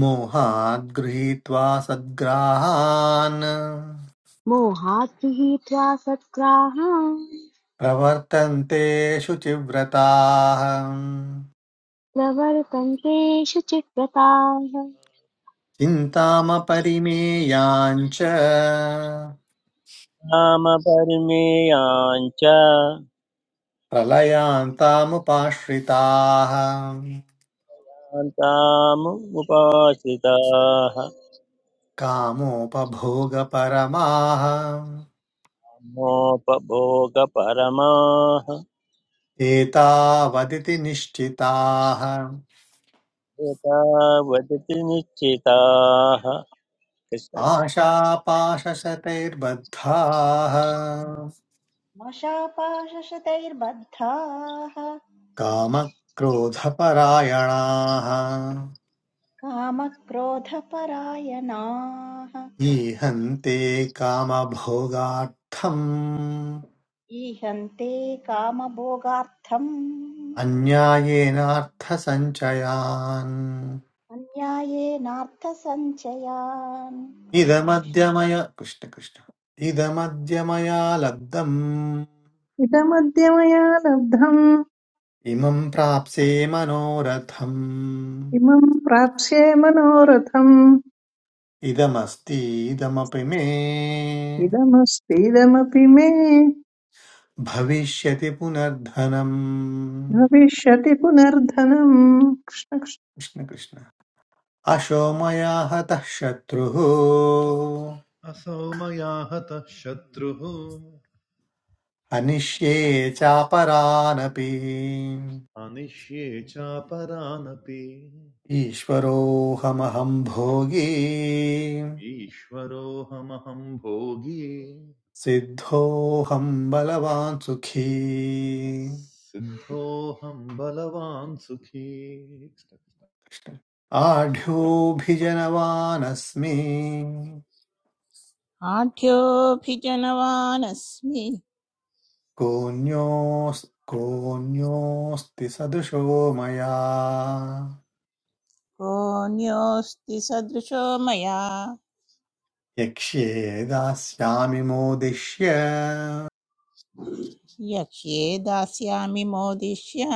Speaker 1: मोहाद् गृहीत्वा सद्ग्राहान्
Speaker 2: मोहात् गृहीत्वा सद्ग्राहान्
Speaker 1: प्रवर्तन्ते शुचिव्रताः
Speaker 2: प्रवर्तन्ते शुचिव्रताः
Speaker 1: चिन्तामपरिमेयाञ्च
Speaker 4: नाम परिमेयाञ्च
Speaker 1: प्रलयान्तामुपाश्रिताः
Speaker 4: तामुपाश्रिताः
Speaker 1: कामोपभोगपरमाः
Speaker 4: मोपभोगपरमाः
Speaker 1: एतावदिति निश्चिताः
Speaker 4: एतावदति निश्चिताः कृष्णकृष्णं
Speaker 1: आशापाशशतैर्बद्धाः
Speaker 5: मशापाशशतैर्बद्धाः
Speaker 1: कामक्रोधपरायणाः
Speaker 5: कामक्रोधपरायणाः
Speaker 1: ईहन्ते कामभोगार्थम्
Speaker 5: ईहन्ते कामभोगार्थम्
Speaker 1: अन्यायेनार्थसञ्चयान्
Speaker 5: अन्यायेनार्थसञ्चयान् कृष्ण कृष्ण
Speaker 1: इदमद्य मया कृष्ण कृष्ण। इदमद्य मया लब्धम्
Speaker 6: इदमद्य मया लब्धम्
Speaker 1: इमं प्राप्स्ये मनोरथम्
Speaker 6: इमम् प्राप्स्ये मनोरथम्
Speaker 1: इदमस्तीदमपि मे
Speaker 6: इदमस्तीदमपि मे
Speaker 1: भविष्यति पुनर्धनम्
Speaker 6: भविष्यति पुनर्धनम् कृष्ण कृष्ण।
Speaker 1: कृष्ण कृष्ण अशो मया हतः शत्रुः
Speaker 7: असौ मया हतः शत्रुः
Speaker 1: अनिष्ये चापरानपि
Speaker 7: अनिष्ये चापरानपि
Speaker 1: ईश्वरोऽहमहं भोगी
Speaker 7: ईश्वरोऽहमहं भोगी
Speaker 1: सिद्धोऽहं बलवान् सुखी
Speaker 7: सिद्धोऽहं बलवान् सुखी कृष्ण कृष्ण।
Speaker 1: कृष्ण। आढ्योऽभिजनवानस्मि
Speaker 8: आढ्योऽभिजनवानस्मि
Speaker 1: कोऽन्योस् कोऽन्योऽस्ति सदृशो मया
Speaker 8: कोऽन्योऽस्ति सदृशो मया
Speaker 1: यक्ष्ये दास्यामि मोदिष्य
Speaker 8: यक्ष्ये दास्यामि मोदिष्य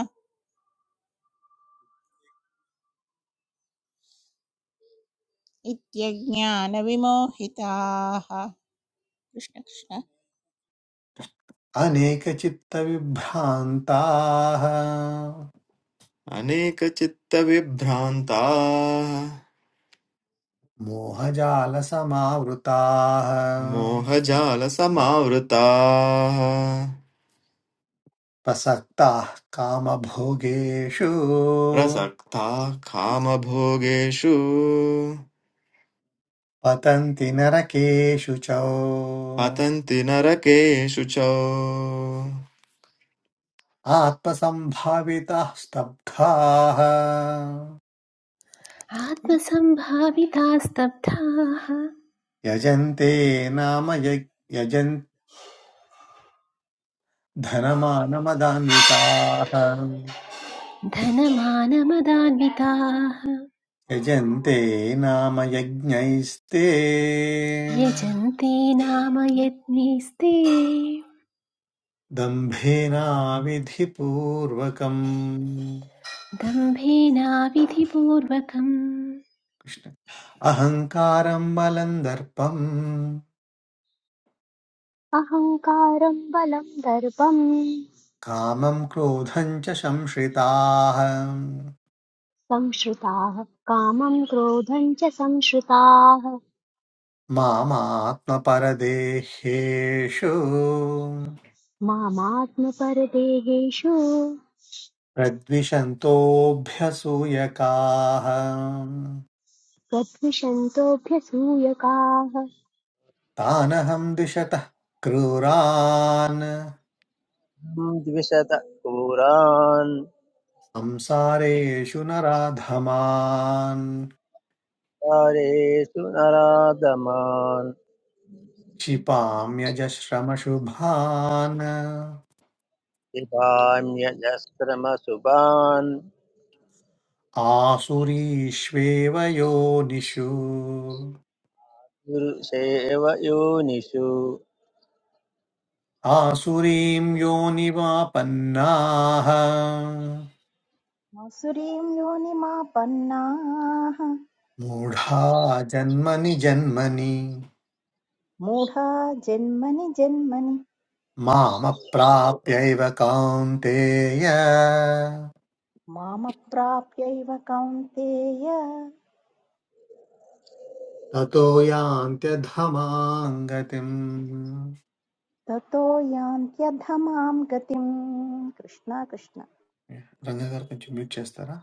Speaker 8: इत्यज्ञानविमोहिताः कृष्णकृष्ण
Speaker 1: अनेकचित्तविभ्रान्ताः
Speaker 9: अनेकचित्तविभ्रान्ताः
Speaker 1: मोहजालसमावृताः
Speaker 9: मोहजालसमावृताः
Speaker 1: प्रसक्ताः कामभोगेषु
Speaker 9: प्रसक्ताः कामभोगेषु
Speaker 1: पतन्ति नरकेषु च
Speaker 9: पतन्ति नरकेषु च
Speaker 1: आत्मसम्भाविताः स्तब्धाः
Speaker 3: आत्मसम्भाविताः स्तब्धाः
Speaker 1: यजन्ते नाम यज्- यजन् धनमानमदान्विताः
Speaker 3: धनमानमदान्विताः
Speaker 1: यजन्ते नाम यज्ञैस्ते
Speaker 3: यजन्ते नाम यज्ञैस्ते
Speaker 1: दम्भेनाविधिपूर्वकम्
Speaker 3: दम्भेनाविधिपूर्वकम्
Speaker 1: कृष्ण अहङ्कारं बलं दर्पम्
Speaker 2: अहङ्कारं बलं दर्पं
Speaker 1: कामं क्रोधं च संश्रिताः
Speaker 2: संश्रुताः कामं क्रोधं च संश्रुताः
Speaker 1: मामात्मपरदेह्येषु
Speaker 2: मामात्मपरदेहेषु
Speaker 1: प्रद्विषन्तोऽभ्यसूयकाः
Speaker 2: प्रद्विषन्तोऽभ्यसूयकाः
Speaker 1: तानहं द्विषतः क्रूरान्
Speaker 4: द्विशत क्रूरान्
Speaker 1: संसारेषु नराधमान्
Speaker 4: तारेषु नरादमान्
Speaker 1: क्षिपाम्यजश्रमशुभान्
Speaker 4: पिबाम्यजस्रमसुभान्
Speaker 1: आसुरीष्वेव योनिषु
Speaker 4: Menurut saya awak yo
Speaker 1: आसुरीं योनिवापन्नाः
Speaker 5: मासुरीं योनिमापन्नाः
Speaker 1: मूढा जन्मनि जन्मनि
Speaker 5: मूढा जन्मनि जन्मनि
Speaker 1: मामप्राप्यैव कौन्तेय
Speaker 5: मामप्राप्यैव कौन्तेय
Speaker 1: ततो యాంత్యధమాంగతిం
Speaker 5: ततो यान्त्यधमां गतिम् कृष्ण कृष्ण
Speaker 1: రంగగారు కొంచెం మ్యూట్ చేస్తారా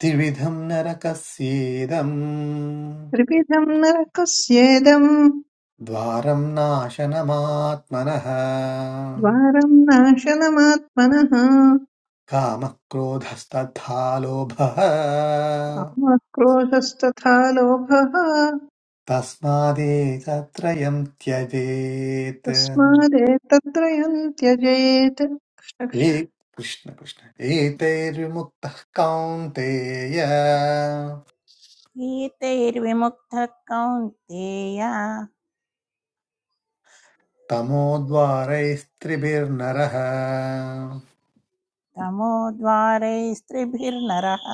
Speaker 1: त्रिविधम् नरकस्येदम्
Speaker 6: त्रिविधम् नरकस्येदम्
Speaker 1: द्वारम् नाशनमात्मनः
Speaker 6: द्वारम् नाशनमात्मनः
Speaker 1: कामः क्रोधस्तथा लोभः
Speaker 6: कामक्रोधस्तथा लोभः
Speaker 1: तस्मादेतत्रयम् त्यजेत्
Speaker 6: तस्मादेतत्त्रयम् त्यजेत्
Speaker 1: ए कृष्ण कृष्ण एतैर्विमुक्तः कौन्तेय
Speaker 8: गीतैर्विमुक्तः कौन्तेय
Speaker 1: तमोद्वारैस्त्रिभिर्नरः
Speaker 8: तमोद्वारैस्त्रिभिर्नरः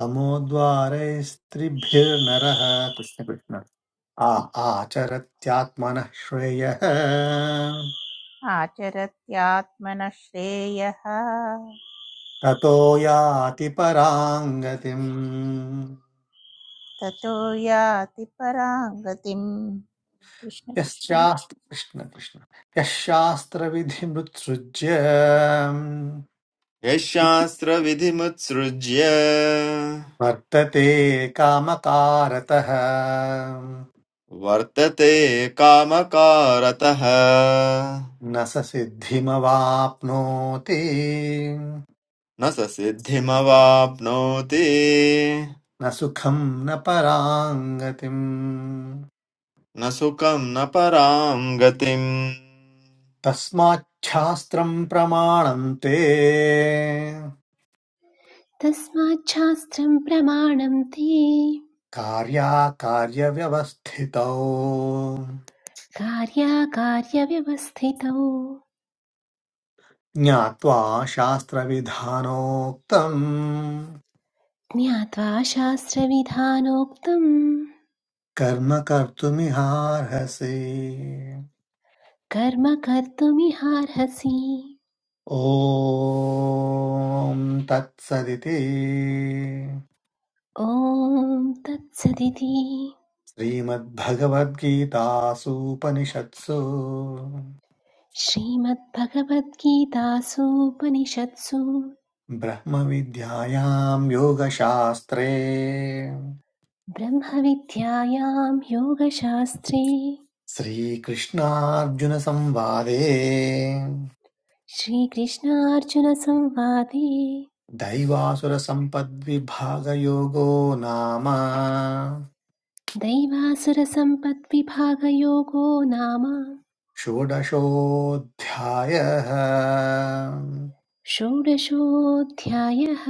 Speaker 1: तमोद्वारैस्त्रिभिर्नरः कृष्ण कृष्ण आ आचरत्यात्मनः श्रेयः
Speaker 8: आचरत्यात्मनः श्रेयः
Speaker 1: ततो याति पराम्
Speaker 8: ततो याति परां गतिम् कृष्णकृष्ण
Speaker 1: यश्चास्त्र कृष्ण कृष्ण यः
Speaker 9: यः शास्त्रविधिमुत्सृज्य
Speaker 1: वर्तते कामकारतः
Speaker 9: वर्तते कामकारतः
Speaker 1: न स सिद्धिमवाप्नोति
Speaker 9: न स सिद्धिमवाप्नोति
Speaker 1: न सुखम् न पराम्
Speaker 9: न सुखं न परां गतिम्
Speaker 1: तस्माच्छास्त्रम् प्रमाणम् ते
Speaker 3: तस्माच्छास्त्रम् प्रमाणम् ते
Speaker 1: कार्याकार्यव्यवस्थितौ
Speaker 3: कार्याकार्यव्यवस्थितौ
Speaker 1: ज्ञात्वा शास्त्रविधानोक्तम्
Speaker 3: ज्ञात्वा शास्त्रविधानोक्तम्
Speaker 1: कर्म कर्तुमिहार्हसि
Speaker 3: कर्म कर्तुमिहार्हसि
Speaker 1: ॐ तत्सदिति
Speaker 3: ॐ तत्सदिति
Speaker 1: श्रीमद्भगवद्गीतासूपनिषत्सु
Speaker 3: श्रीमद्भगवद्गीतासूपनिषत्सु
Speaker 1: ब्रह्मविद्यायां योगशास्त्रे
Speaker 3: ब्रह्मविद्यायां योगशास्त्रे
Speaker 1: श्रीकृष्णार्जुनसंवादे
Speaker 3: श्रीकृष्णार्जुनसंवादे
Speaker 1: दैवासुरसम्पद्विभागयोगो नाम
Speaker 3: दैवासुरसम्पद्विभागयोगो नाम
Speaker 1: षोडशोऽध्यायः
Speaker 3: षोडशोऽध्यायः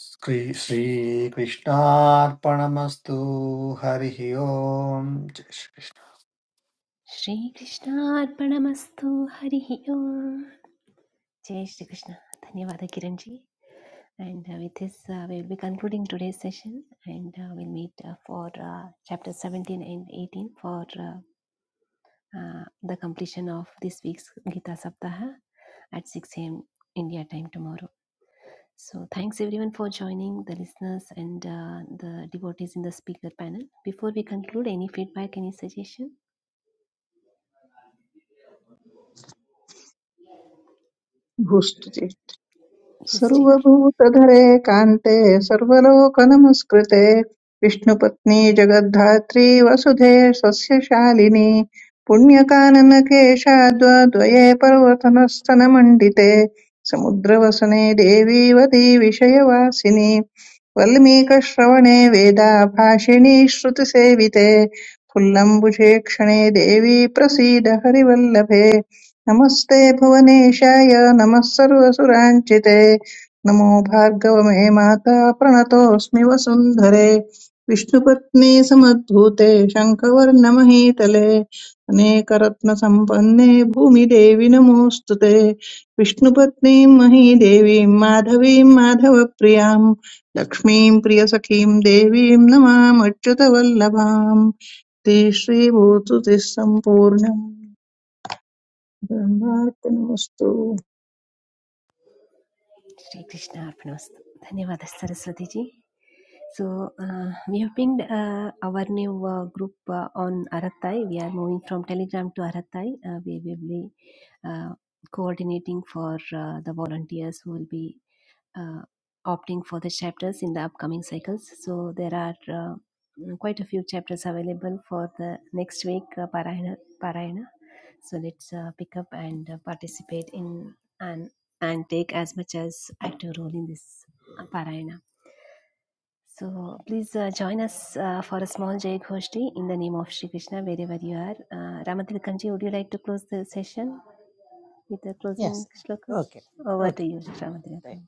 Speaker 1: श्री- श्रीकृष्णार्पणमस्तु हरिः ओम् जय श्री-
Speaker 3: श्रीकृष्णार्पणमस्तु हरिः ओम् जय श्रीकृष्ण धन्यवाद किरण जी And uh, with this, uh, we will be concluding today's session and uh, we'll meet uh, for uh, chapter 17 and 18 for uh, uh, the completion of this week's Gita Saptaha at 6 a.m. India time tomorrow. So, thanks everyone for joining the listeners and uh, the devotees in the speaker panel. Before we conclude, any feedback, any suggestion?
Speaker 6: भूस्तुति
Speaker 3: Yes, Jim.
Speaker 6: सर्वभूतधरे कान्ते सर्वलोकनमस्कृते विष्णुपत्नी जगद्धात्री वसुधे सस्यशालिनी पुण्यकाननकेशाद्वद्वये पर्वतनस्तनमण्डिते समुद्रवसने देवी वदी विषयवासिनी वल्मीकश्रवणे वेदाभाषिणी श्रुतिसेविते फुल्लम्बुषे क्षणे देवी प्रसीद हरिवल्लभे नमस्ते भुवनेशाय नमः सर्वसुराञ्चिते नमो भार्गव मे माता प्रणतोऽस्मि वसुन्धरे विष्णुपत्नी समद्भूते शङ्खवर्णमहीतले अनेकरत्नसम्पन्ने भूमिदेवि नमोऽस्तु ते विष्णुपत्नीं महीदेवीं माधवीं माधवप्रियां लक्ष्मीं प्रियसखीं देवीं नमामच्युतवल्लभाम् ते श्रीभूतुतिः सम्पूर्णम् Bamarkenosto,
Speaker 3: Shri Krishna Arpanamastu. Dhanyavadas Saraswati ji. So, uh, we have pinged uh, our new uh, group uh, on Aratai. We are moving from Telegram to Aratai. Uh, we will be uh, coordinating for uh, the volunteers who will be uh, opting for the chapters in the upcoming cycles. So there are uh, mm, quite a few chapters available for the next week uh, parayana. parayana. So let's uh, pick up and uh, participate in and and take as much as active role in this uh, parayana. So please uh, join us uh, for a small Jai Ghoshti in the name of Shri Krishna wherever you are. Uh, Ramatilkamji, would you like to close the session with the
Speaker 8: yes
Speaker 3: closing shlokas?
Speaker 8: Okay
Speaker 3: Over to
Speaker 8: okay
Speaker 3: you, Ramatilakam.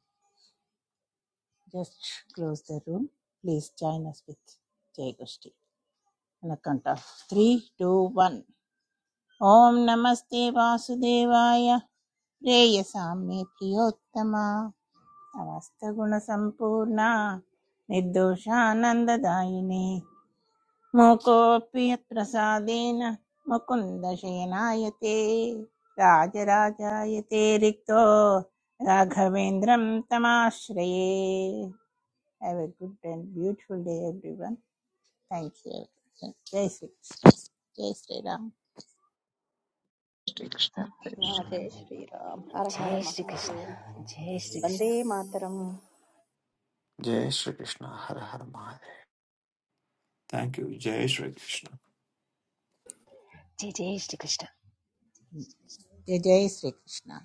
Speaker 8: Just close the room please join us with जय गोष्ठी। అనకంట three two one ఓం నమస్తే వాసుదేవాయ ప్రేయసామ్య ప్రియోత్తమ సమస్త గుణ సంపూర్ణ నిర్దోషానందదాయిని మూకోపి ప్రసాదేన ముకుంద శయనాయతే రాజరాజాయతే రిక్తో రాఘవేంద్రం తమాశ్రయే have a good and beautiful day everyone thank you జై శ్రీకృష్ణ జై శ్రీరామ్
Speaker 6: tekstiä.
Speaker 5: कृष्ण जय श्रीराम हर हर
Speaker 3: जय श्रीकृष्ण
Speaker 5: महादेव
Speaker 3: जय श्रीकृष्ण
Speaker 5: वन्दे मातरम्
Speaker 1: जय श्रीकृष्ण हर हर महादेव
Speaker 9: थैंक यू जय श्री कृष्ण
Speaker 3: जय जय श्रीकृष्ण
Speaker 8: जय जय श्री कृष्ण